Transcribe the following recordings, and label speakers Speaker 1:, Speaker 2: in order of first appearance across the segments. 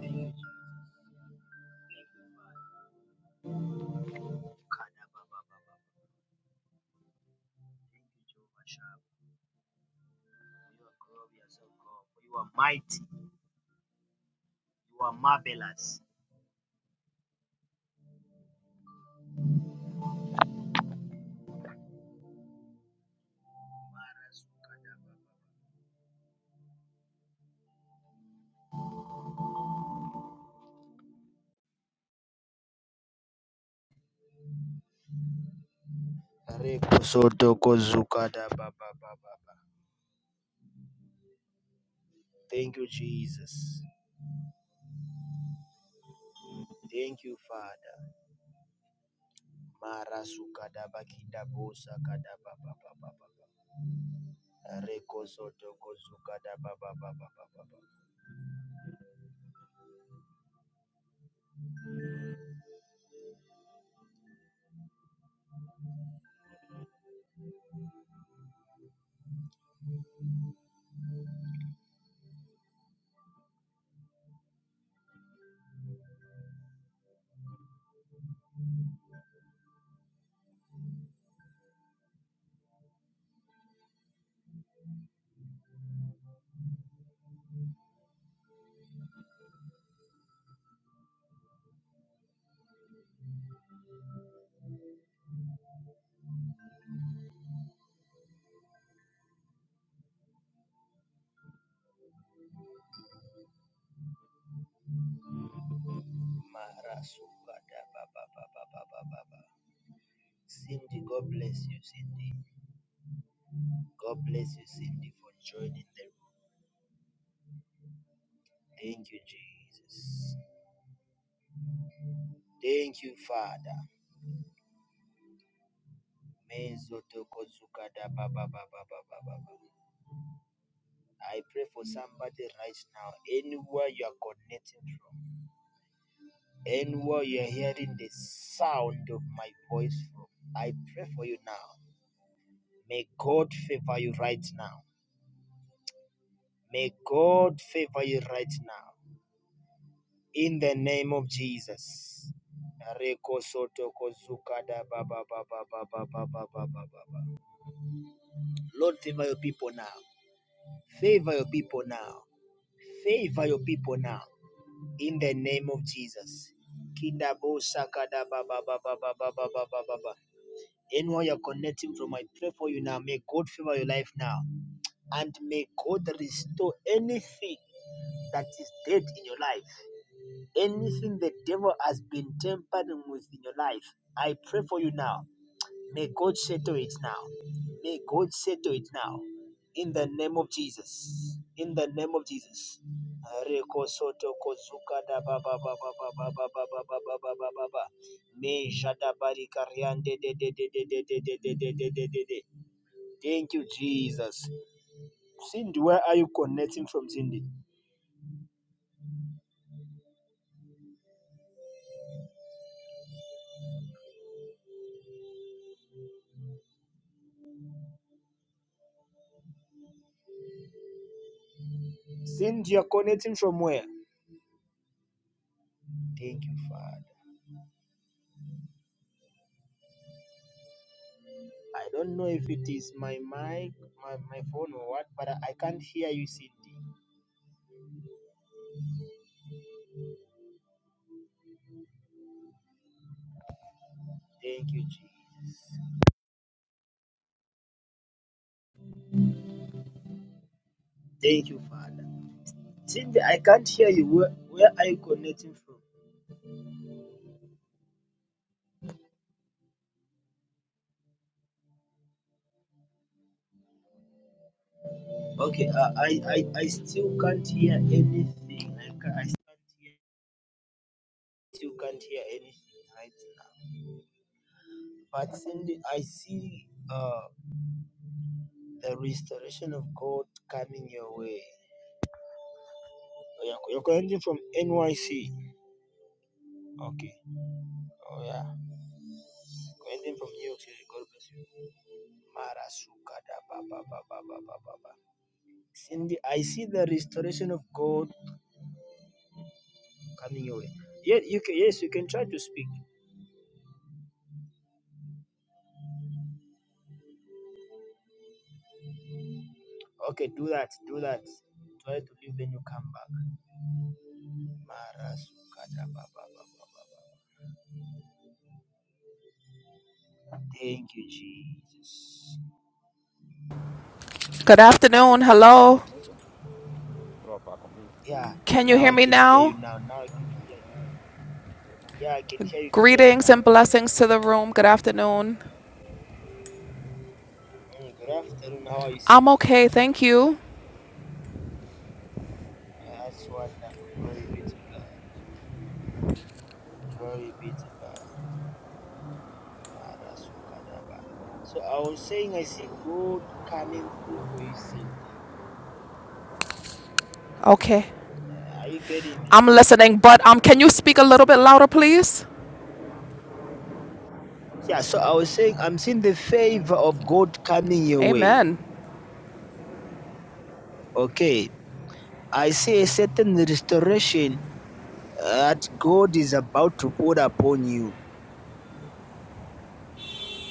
Speaker 1: Thank you, Kada Baba Baba. Thank you, Jehovah Shammah. You are glorious, O God. For you are mighty. You are marvelous. Reko soto ko zukada Baba Baba. Thank you, Jesus. Thank you, Father. Mara sukada bakida bosa kada Baba Baba Baba. Reko soto ko zukada Baba Baba Baba. Mara sukada Baba Baba Baba Baba. Cindy, God bless you, Cindy. God bless you, Cindy, for joining the Thank you, Jesus. Thank you, Father. I pray for somebody right now, anywhere you are connecting from, anywhere you are hearing the sound of my voice from. I pray for you now. May God favor you right now. May God favor you right now. In the name of Jesus. Lord, favor your people now. Favor your people now. Favor your people now. In the name of Jesus. Kidabo sakada ba ba ba ba ba ba ba ba ba ba ba. Anyone you're connecting from, I pray for you now. May God favor your life now. And may God restore anything that is dead in your life. Anything the devil has been tampering with in your life. I pray for you now. May God settle it now. May God settle it now. In the name of Jesus. In the name of Jesus. Reko soto kozuka da ba ba ba ba ba ba ba ba ba ba ba ba ba ba. Me jada bari kariande de de de de de de de de de de de de de. Thank you, Jesus. Cindy, where are you connecting from, Cindy? Cindy, you're connecting from where? Thank you, Father. I don't know if it is my mic, my, my phone or what, but I, I can't hear you, Cindy. Thank you, Jesus. Thank you, Father. Cindy, I can't hear you. Where, where are you connecting from? Okay, uh, I, I, I still can't hear anything. I, ca- I still can't hear, still can't hear anything right now. But Cindy, I see uh, the restoration of God coming your way. Oh, yeah, You're connecting from NYC. Okay. Oh, yeah. Connecting from New York City. God bless you. Marasukada ba ba ba ba ba ba ba. ba. Cindy, I see the restoration of God coming your way. Yes, you can, yes, you can try to speak. Okay, do that, do that. Try to leave when you come back. Mara sukata ba ba ba ba ba ba. Thank you, Jesus.
Speaker 2: Good afternoon. Hello.
Speaker 1: Yeah,
Speaker 2: Can you
Speaker 1: now
Speaker 2: hear
Speaker 1: I
Speaker 2: me
Speaker 1: can hear you
Speaker 2: now?
Speaker 1: now. Now I can hear you. Yeah, I can hear you clearly
Speaker 2: Greetings
Speaker 1: now.
Speaker 2: and blessings to the room. Good afternoon.
Speaker 1: Mm, good afternoon. How are you,
Speaker 2: I'm
Speaker 1: Sydney?
Speaker 2: okay. Thank you.
Speaker 1: That's wonderful. Glory be to God. Glory be to God. Mara sukadaba. So I was saying, I see God coming through for you, Cindy.
Speaker 2: Okay.
Speaker 1: Are you getting me?
Speaker 2: I'm listening, but um can you speak a little bit louder, please?
Speaker 1: Yeah, so I was saying, I'm seeing the favor of God coming your way.
Speaker 2: Amen.
Speaker 1: Okay. I see a certain restoration that God is about to put upon you.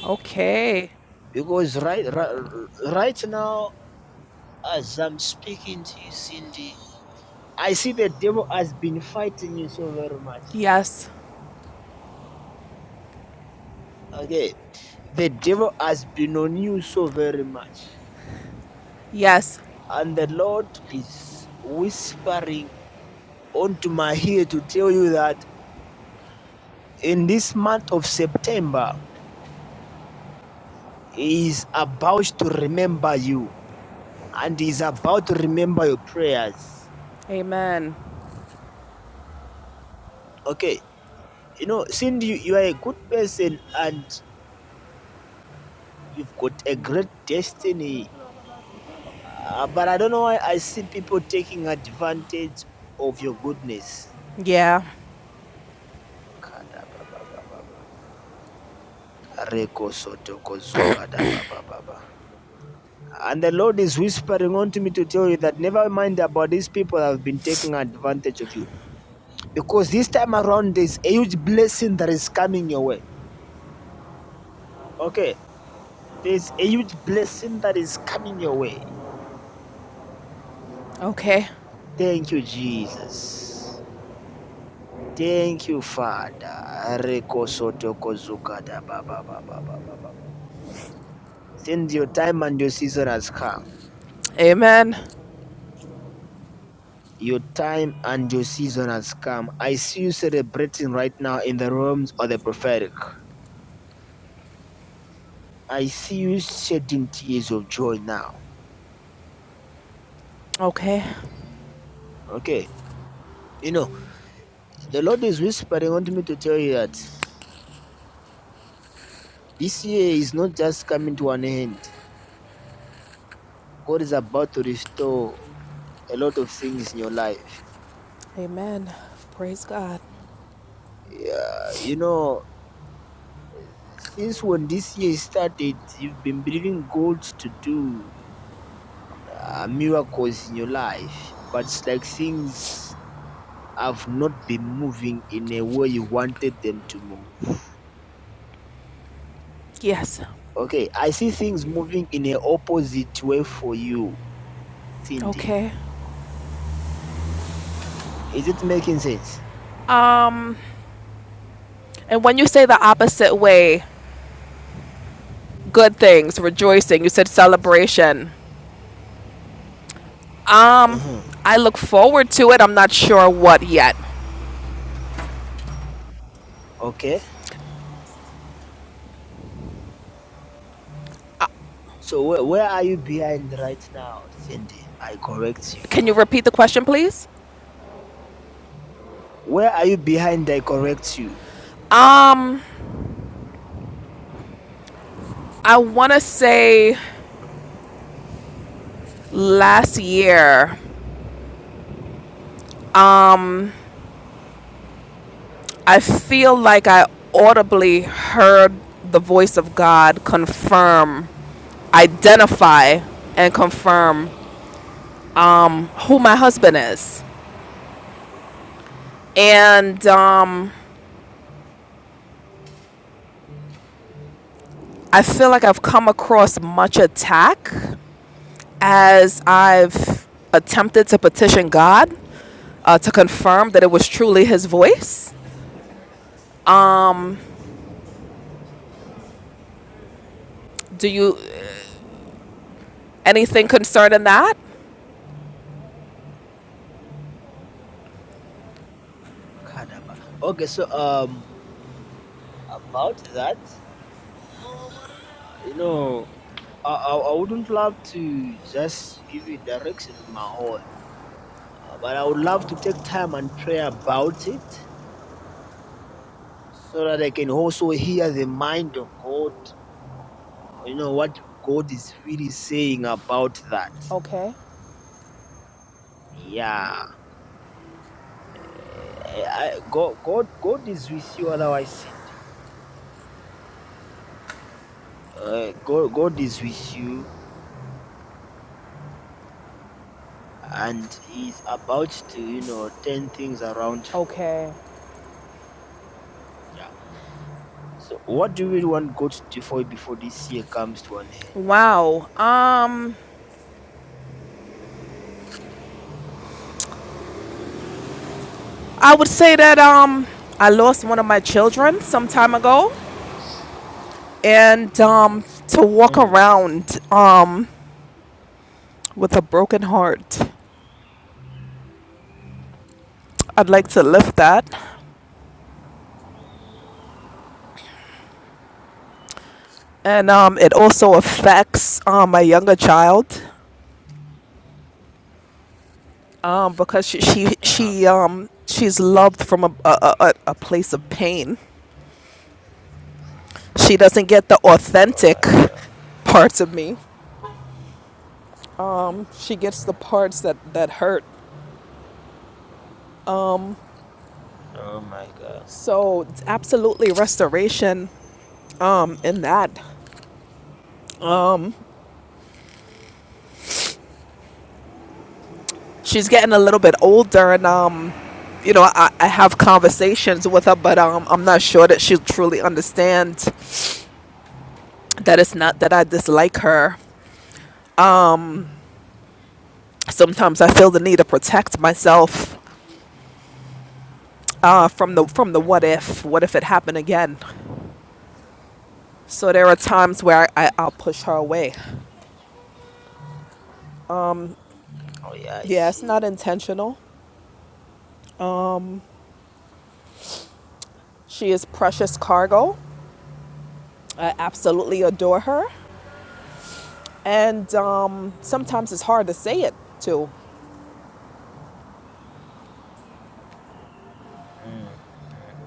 Speaker 2: Okay.
Speaker 1: Because right, right, right now, as I'm speaking to you, Cindy, I see the devil has been fighting you so very much.
Speaker 2: Yes.
Speaker 1: Okay. The devil has been on you so very much.
Speaker 2: Yes.
Speaker 1: And the Lord is whispering onto my ear to tell you that in this month of September, He is about to remember you and He is about to remember your prayers.
Speaker 2: Amen.
Speaker 1: Okay. You know, since you, you are a good person and you've got a great destiny, uh, but I don't know why I see people taking advantage of your goodness.
Speaker 2: Yeah.
Speaker 1: Kadababababa. Rekosotokozukadabababa. And the Lord is whispering unto me to tell you that never mind about these people that have been taking advantage of you. Because this time around, there's a huge blessing that is coming your way Okay, there's a huge blessing that is coming your way.
Speaker 2: Okay.
Speaker 1: Thank you, Jesus. Thank you, Father. Reko soto kozuka da ba ba ba ba ba ba ba ba. Since your time and your season has come,
Speaker 2: Amen.
Speaker 1: your time and your season has come. I see you celebrating right now in the realms of the prophetic. I see you shedding tears of joy now.
Speaker 2: Okay.
Speaker 1: Okay, you know, the Lord is whispering unto me to tell you that this year is not just coming to an end God is about to restore a lot of things in your life.
Speaker 2: Amen. Praise God.
Speaker 1: Yeah, you know, since when this year started, you've been believing God to do uh, miracles in your life, but it's like things have not been moving in a way you wanted them to move.
Speaker 2: Yes.
Speaker 1: Okay, I see things moving in an opposite way for you, Cindy.
Speaker 2: Okay.
Speaker 1: Is it making sense?
Speaker 2: Um and when you say the opposite way, good things, rejoicing, you said celebration.
Speaker 1: Uh-huh.
Speaker 2: I look forward to it. I'm not sure what yet.
Speaker 1: Okay. So where, where are you behind right now, Cindy? I correct you.
Speaker 2: Can you repeat the question, please?
Speaker 1: Where are you behind? I correct you.
Speaker 2: Um, I want to say last year, I feel like I audibly heard the voice of God confirm, identify, and confirm who my husband is. And um, I feel like I've come across much attack as I've attempted to petition God uh, to confirm that it was truly his voice Do you anything concerning that?
Speaker 1: Kadaba. Okay, so um, about that, you know, I, I, I wouldn't love to just give you direction of my own, uh, but I would love to take time and pray about it so that I can also hear the mind of God, you know, what God is really saying about that.
Speaker 2: Okay.
Speaker 1: Yeah. I, I, God, God, God is with you, otherwise, Cindy. Uh, God, God is with you and he's about to, you know, turn things around for you.
Speaker 2: Okay.
Speaker 1: Yeah. So what do we want God to do for you before this year comes to an end?
Speaker 2: Wow. Um, I would say that um, I lost one of my children some time ago, and um, to walk
Speaker 1: Mm.
Speaker 2: around um with a broken heart, I'd like
Speaker 1: Mm.
Speaker 2: to lift that, and um, it also affects um my younger child, um, because she she,
Speaker 1: Uh-huh.
Speaker 2: she um she's loved from a a, a a place of pain. She doesn't get the
Speaker 1: Oh my
Speaker 2: authentic
Speaker 1: God.
Speaker 2: parts of me. She gets the
Speaker 1: hmm
Speaker 2: parts that, that hurt.
Speaker 1: Oh my God.
Speaker 2: So, it's absolutely restoration um, in that. She's getting a little bit older, and um, you know, I, I have conversations with her, but um, I'm not sure that she'll truly understand that it's not that I dislike her. Sometimes I feel the need to protect myself uh, from the from the what
Speaker 1: hmm
Speaker 2: if, what if it happened again. So there are times where I, I, I'll push her away.
Speaker 1: Oh yeah, I
Speaker 2: Yeah, it's not
Speaker 1: see.
Speaker 2: intentional. She is precious cargo, I absolutely adore her. And um, sometimes it's hard to say it to.
Speaker 1: Mm. Mm.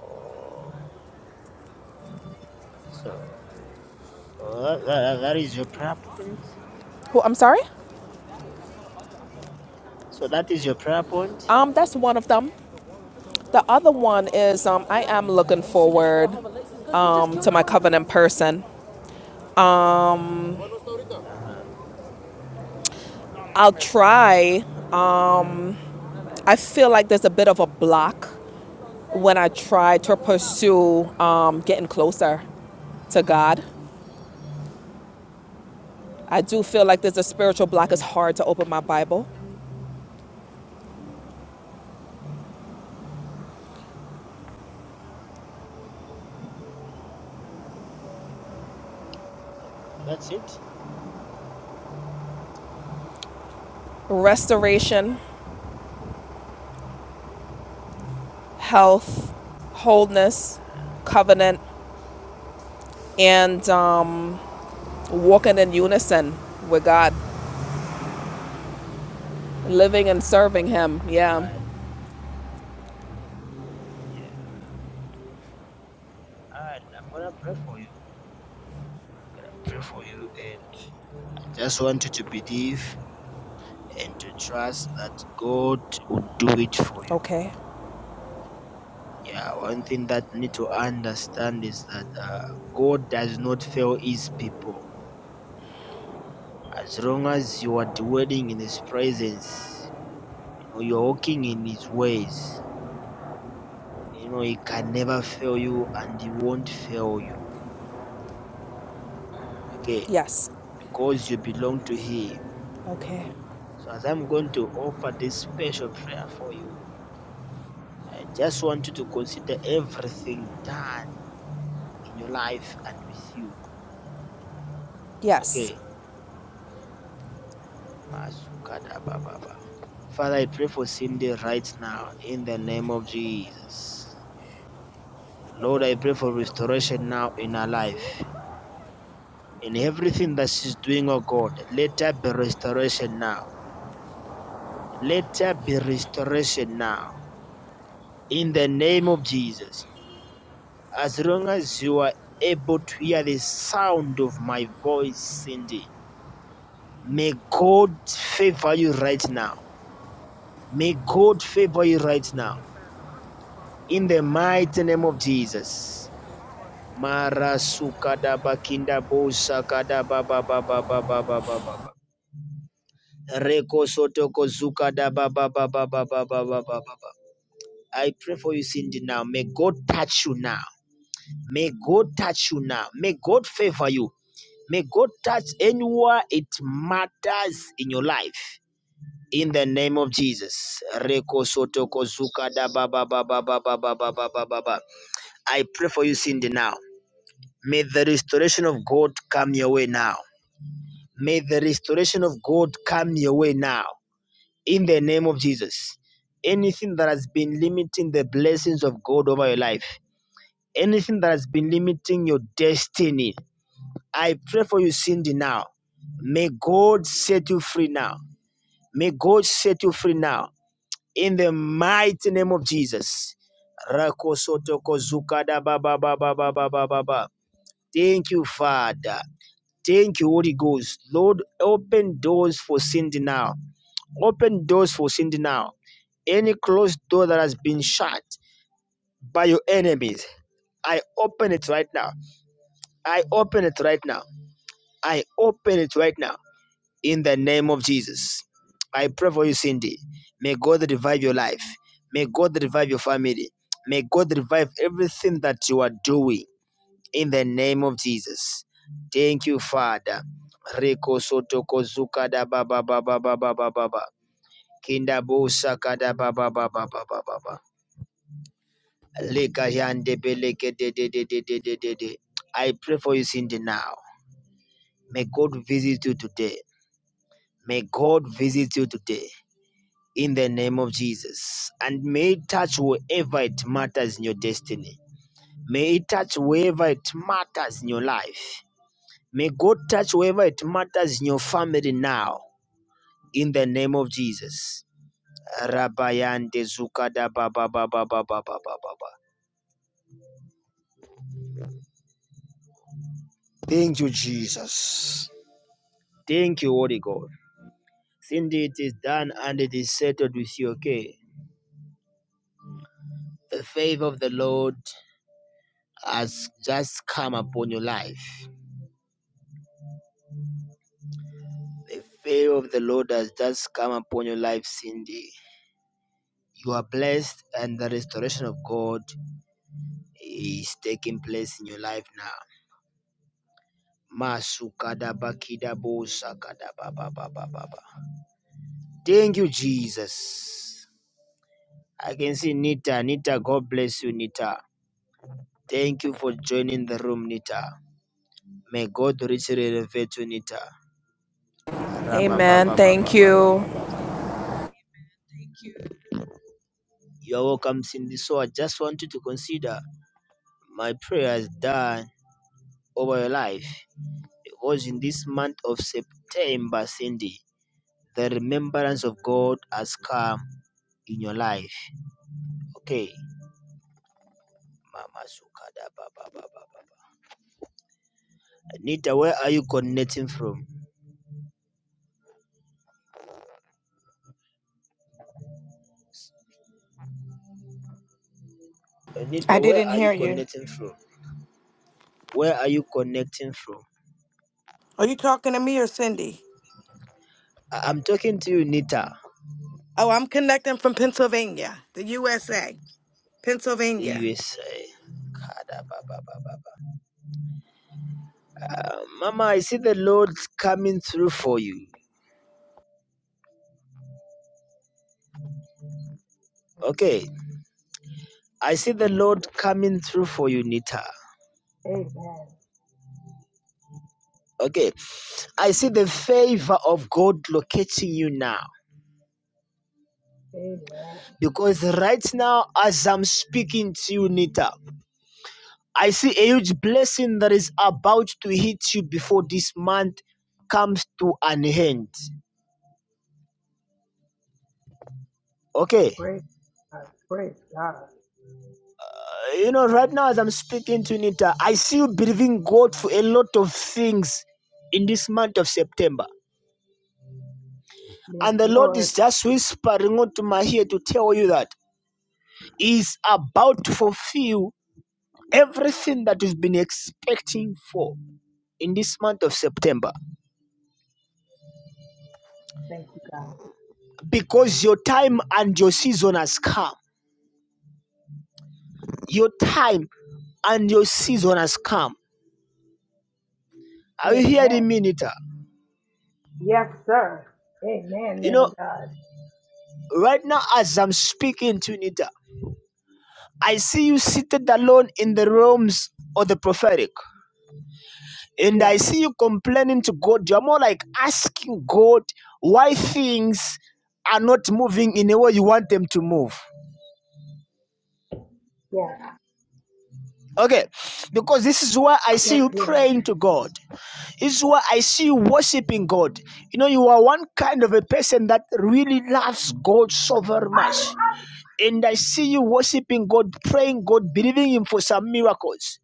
Speaker 1: Oh. So oh, that, that, that is your prayer point.
Speaker 2: Who, I'm sorry?
Speaker 1: So that is your prayer point.
Speaker 2: Um, that's one of them. The other one is um, I
Speaker 1: Okay.
Speaker 2: am looking forward um, to my covenant person.
Speaker 1: Uh-huh.
Speaker 2: I'll try. I feel like there's a bit of a block when I try to pursue um, getting closer to God. I do feel like there's a spiritual block. It's
Speaker 1: Mm.
Speaker 2: hard to open my Bible.
Speaker 1: That's it.
Speaker 2: Restoration, health, wholeness, covenant. and um, walking in unison with God, living and serving Him. Yeah.
Speaker 1: Alright. Yeah. Alright. I'm gonna pray for you. Pray for you and Just want you to believe and to trust that God will do it for you.
Speaker 2: Okay.
Speaker 1: Yeah, one thing that you need to understand is that uh, God does not fail His people. As long as you are dwelling in His presence, you know, you're walking in His ways. You know, He can never fail you, and He won't fail you. Okay,
Speaker 2: Yes.
Speaker 1: because you belong to Him.
Speaker 2: Okay.
Speaker 1: So as I'm going to offer this special prayer for you, I just want you to consider everything done in your life and with you.
Speaker 2: Yes.
Speaker 1: Okay. Masukada ba Father, I pray for Cindy right now in the name of Jesus. Lord, I pray for restoration now in her life. In everything that she's doing, oh God, let there be restoration now. Let there be restoration now. In the name of Jesus. As long as you are able to hear the sound of my voice, Cindy, may God favor you right now. May God favor you right now. In the mighty name of Jesus. Mara sukada bakinda I pray for you, Cindy, now. May God touch you now. May God touch you now. May God favor you. May God touch anywhere it matters in your life. In the name of Jesus. Reko I pray for you, Cindy, now. May the restoration of God come your way now. May the restoration of God come your way now. In the name of Jesus. Anything that has been limiting the blessings of God over your life, anything that has been limiting your destiny, I pray for you, Cindy, now. May God set you free now. May God set you free now. In the mighty name of Jesus. Rakosotokozukadabababababababa. Thank you, Father. Thank you, Holy Ghost. Lord, open doors for Cindy now. Open doors for Cindy now. Any closed door that has been shut by your enemies, I open it right now. I open it right now. I open it right now. In the name of Jesus. I pray for you, Cindy. May God revive your life. May God revive your family. May God revive everything that you are doing in the name of Jesus. Thank you, Father. Reko soto kozuka da ba ba ba ba ba ba ba ba ba. Kinda bo saka ba ba ba ba ba ba ba ba. Leka yande beleke de de de de de de de de. I pray for you, Cindy, now. May God visit you today. May God visit you today in the name of Jesus. And may it touch wherever it matters in your destiny. May it touch wherever it matters in your life. May God touch whoever it matters in your family now, in the name of Jesus. Rabayande zukada ba ba ba ba ba ba ba ba ba Thank you, Jesus. Thank you, Holy God. Cindy, it is done and it is settled with you, okay? The favor of the Lord has just come upon your life. The favor of the Lord has just come upon your life, Cindy. You are blessed, and the restoration of God is taking place in your life now. Masukadabakidabosakadabababababa. Thank you, Jesus. I can see Nita. Nita, God bless you, Nita. Thank you for joining the room, Nita. May God richly reward you, Nita.
Speaker 2: Amen. Thank you.
Speaker 1: Rababababababababababa. You are welcome, Cindy. So I just want you to consider my prayers done over your life. Because in this month of September, Cindy, the remembrance of God has come in your life. Okay. Mama Sukada ba ba Anita, where are you connecting from?
Speaker 3: I
Speaker 1: Anita, where
Speaker 3: didn't
Speaker 1: are you
Speaker 3: hear you.
Speaker 1: connecting from? Where are you connecting from?
Speaker 3: Are you talking to me or Cindy?
Speaker 1: I- am talking to you, Nita,
Speaker 3: Oh, I'm connecting from Pennsylvania, the USA,
Speaker 1: the
Speaker 3: Pennsylvania.
Speaker 1: USA. Kada ba ba ba Uh, Mama, I see the Lord coming through for you. Okay. I see the Lord coming through for you, Nita.
Speaker 3: Amen.
Speaker 1: Okay. I see the favor of God locating you now. Because right now, as I'm speaking to you, Nita, I see a huge blessing that is about to hit you before this month comes to an end. Okay.
Speaker 3: Praise God. Praise God.
Speaker 1: Uh, You know, right now as I'm speaking to Nita, I see you believing God for a lot of things in this month of September.
Speaker 3: Yes,
Speaker 1: And the Lord
Speaker 3: Lord.
Speaker 1: is just whispering onto my ear to tell you that He's about to fulfill everything that you've been expecting for in this month of September.
Speaker 3: Thank you, God.
Speaker 1: Because your time and your season has come. Your time and your season has come. Are you
Speaker 3: Amen.
Speaker 1: hearing me, Nita?
Speaker 3: Yes, sir. Amen,
Speaker 1: You
Speaker 3: man
Speaker 1: know,
Speaker 3: of God.
Speaker 1: right now as I'm speaking to Nita, I see you seated alone in the realms of the prophetic. And I
Speaker 3: Yes,
Speaker 1: see you complaining to God. You're more like asking God why things are not moving in the way you want them to move.
Speaker 3: yes,
Speaker 1: Okay, because this is why I see
Speaker 3: yes,
Speaker 1: you
Speaker 3: Lord.
Speaker 1: praying to God. This is why I see you worshiping God. You know, you are one kind of a person that really loves God so very much. And I see you worshiping God, praying God, believing Him for some miracles.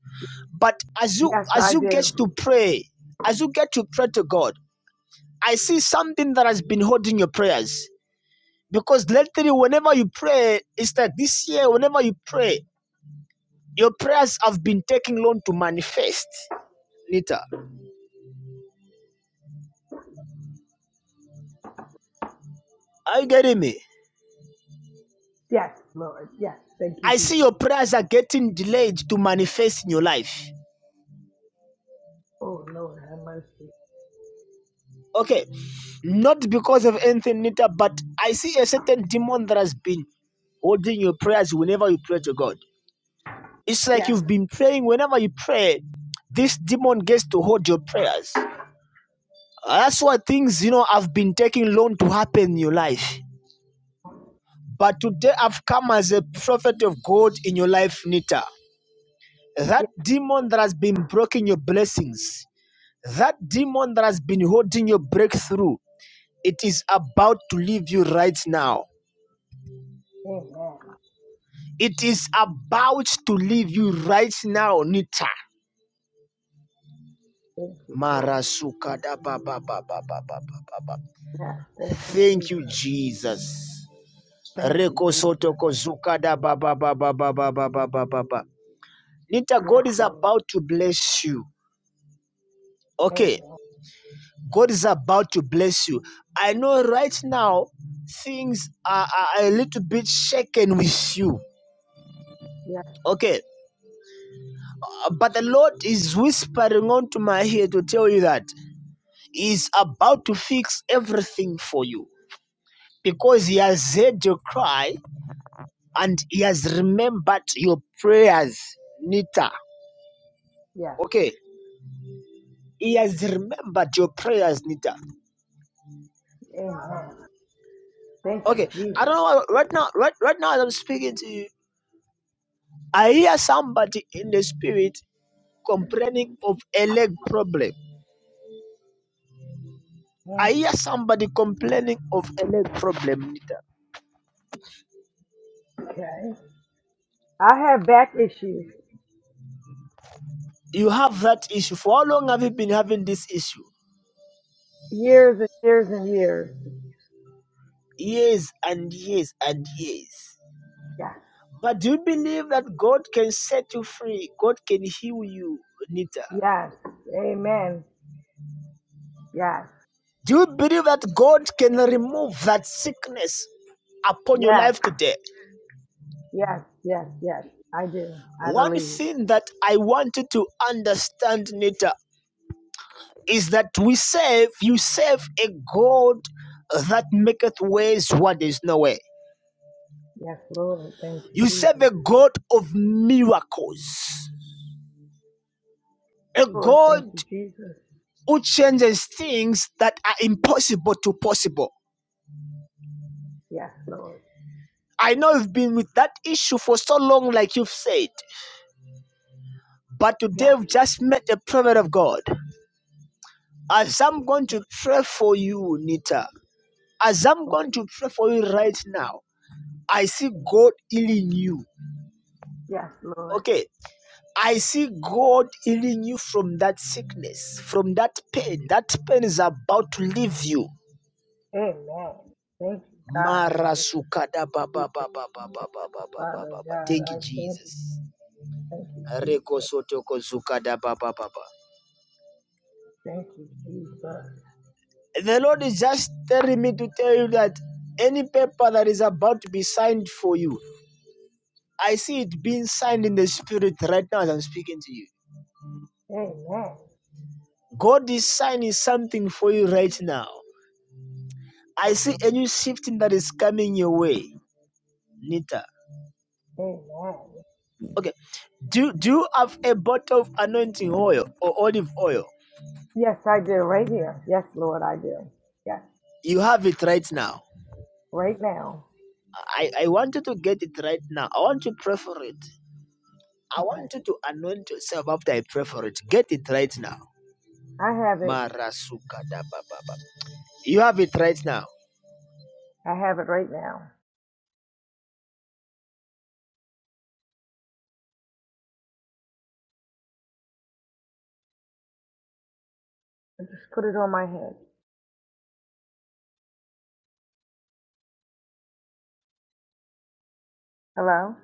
Speaker 1: But as you
Speaker 3: Yes,
Speaker 1: as
Speaker 3: I
Speaker 1: you get
Speaker 3: do.
Speaker 1: to pray, as you get to pray to God, I see something that has been holding your prayers. Because lately, whenever you pray, it's like this year, whenever you pray, your prayers have been taking long to manifest. Nita, are you getting me?
Speaker 3: Yes, Lord. Yes. Thank you,
Speaker 1: I see
Speaker 3: Jesus.
Speaker 1: your prayers are getting delayed to manifest in your life.
Speaker 3: Oh, Lord, have mercy.
Speaker 1: Okay. Not because of anything, Nita, but I see a certain demon that has been holding your prayers whenever you pray to God. It's like
Speaker 3: Yes,
Speaker 1: you've been praying whenever you pray, this demon gets to hold your prayers. That's why things, you know, have been taking long to happen in your life. But today I've come as a prophet of God in your life, Nita. That
Speaker 3: yes.
Speaker 1: demon that has been blocking your blessings, That demon that has been holding your breakthrough, it is about to leave you right now.
Speaker 3: Amen.
Speaker 1: It is about to leave you right now, Nita.
Speaker 3: Thank you, Lord.
Speaker 1: Marasuka da ba ba ba ba ba ba ba ba
Speaker 3: Yes, thank you,
Speaker 1: Thank you,
Speaker 3: Jesus.
Speaker 1: Jesus.
Speaker 3: Thank you,
Speaker 1: Reko
Speaker 3: Jesus.
Speaker 1: soto kozuka da ba ba ba ba ba ba ba ba ba ba. Nita,
Speaker 3: Yes,
Speaker 1: God is
Speaker 3: Lord.
Speaker 1: about to bless you. Okay,
Speaker 3: Amen.
Speaker 1: God is about to bless you. I know right now things are, are a little bit shaken with you.
Speaker 3: Yes,
Speaker 1: Okay, uh, but the Lord is whispering onto my ear to tell you that He is about to fix everything for you because He has heard your cry and He has remembered your prayers, Nita.
Speaker 3: yes.
Speaker 1: Okay, He has remembered your prayers, Nita.
Speaker 3: Amen. Thank you,
Speaker 1: Okay, I
Speaker 3: Jesus.
Speaker 1: don't know right now, right, right now as I'm speaking to you, I hear somebody in the spirit complaining of a leg problem. I
Speaker 3: Mm,
Speaker 1: hear somebody complaining of a leg problem, Nita.
Speaker 3: Okay. I had back issues
Speaker 1: You have that issue. For how long have you been having this issue?
Speaker 3: years and years and years.
Speaker 1: Years and years and years.
Speaker 3: Yes.
Speaker 1: But do you believe that God can set you free? God can heal you, Nita.
Speaker 3: Yes. Amen. Yes.
Speaker 1: Do you believe that God can remove that sickness upon your
Speaker 3: Yes.
Speaker 1: life today?
Speaker 3: Yes. Yes. Yes. I do. I
Speaker 1: One
Speaker 3: believe.
Speaker 1: thing that I want you to understand, Nita, is that we serve, you serve a God that maketh ways where there is no way.
Speaker 3: Yes, Lord. Thank you,
Speaker 1: You serve
Speaker 3: Jesus.
Speaker 1: a God of miracles. a
Speaker 3: Lord, thank
Speaker 1: God
Speaker 3: you, Jesus.
Speaker 1: who changes things that are impossible to possible.
Speaker 3: Yes, Lord.
Speaker 1: I know you've been with that issue for so long, like you've said, but today
Speaker 3: Yes.
Speaker 1: we've just met the prophet of God. As I'm going to pray for you, Nita, as I'm
Speaker 3: Okay.
Speaker 1: going to pray for you right now, I see God healing you.
Speaker 3: Yes, Lord.
Speaker 1: Okay. I see God healing you from that sickness, from that pain. That pain is about to leave you
Speaker 3: Amen. Thank you, God.
Speaker 1: Marasukada ba baba
Speaker 3: Jesus.
Speaker 1: baba baba
Speaker 3: Thank
Speaker 1: baba
Speaker 3: you,
Speaker 1: baba ba ba
Speaker 3: Father God.
Speaker 1: Thank
Speaker 3: I
Speaker 1: you,
Speaker 3: thank you.
Speaker 1: Jesus.
Speaker 3: Thank you,
Speaker 1: Reko
Speaker 3: Jesus.
Speaker 1: sotoko zukada ba baba ba
Speaker 3: Thank you, Jesus.
Speaker 1: The Lord is just telling me to tell you that any paper that is about to be signed for you, I see it being signed in the spirit right now as I'm speaking to you.
Speaker 3: Amen.
Speaker 1: God is signing something for you right now. I
Speaker 3: Oh,
Speaker 1: see a
Speaker 3: Lord.
Speaker 1: new shifting that is coming your way. Nita.
Speaker 3: Amen.
Speaker 1: Okay. Do do you have a bottle of anointing oil or olive oil?
Speaker 3: Yes, I do. Right here. Yes, Lord, I do. Yes,
Speaker 1: You have it right now.
Speaker 3: right now.
Speaker 1: I, I want you to get it right now. I want you to pray for it. I
Speaker 3: Okay.
Speaker 1: want you to anoint yourself after I pray for it. Get it right now.
Speaker 3: I have it.
Speaker 1: Marasuka da ba ba ba. You have it right now.
Speaker 3: I have it right now. I just put it on my head. Hello?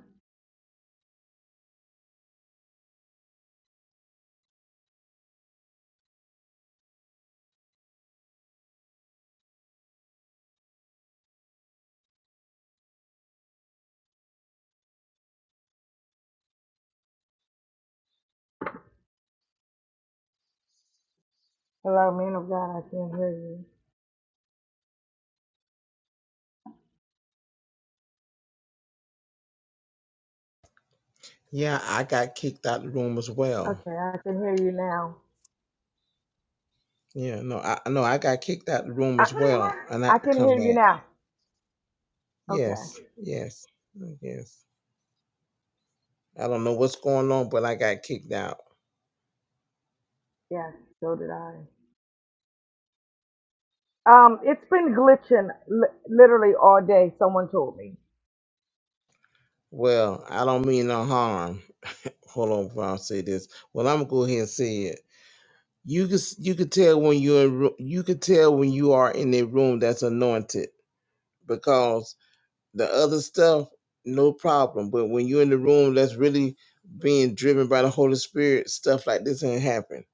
Speaker 3: Hello, man of God. I can hear you.
Speaker 4: Yeah, I got kicked out the room as well.
Speaker 3: Okay, I can hear you now.
Speaker 4: Yeah, no, I no, I got kicked out the room
Speaker 3: I,
Speaker 4: as well, and I
Speaker 3: I
Speaker 4: had to
Speaker 3: can
Speaker 4: come
Speaker 3: hear you
Speaker 4: back.
Speaker 3: now.
Speaker 4: Yes,
Speaker 3: Okay.
Speaker 4: yes, yes. I don't know what's going on, but I got kicked out.
Speaker 3: Yes, so did I. Um, it's been glitching li- literally all day. Someone told me.
Speaker 4: Well, I don't mean no harm. Hold on, before I say this. Well, I'm gonna go ahead and say it. You can s- you can tell when you're in, ru- you can tell when you are in a room that's anointed because The other stuff, no problem. But when you're in the room that's really being driven by the Holy Spirit, stuff like this ain't happen.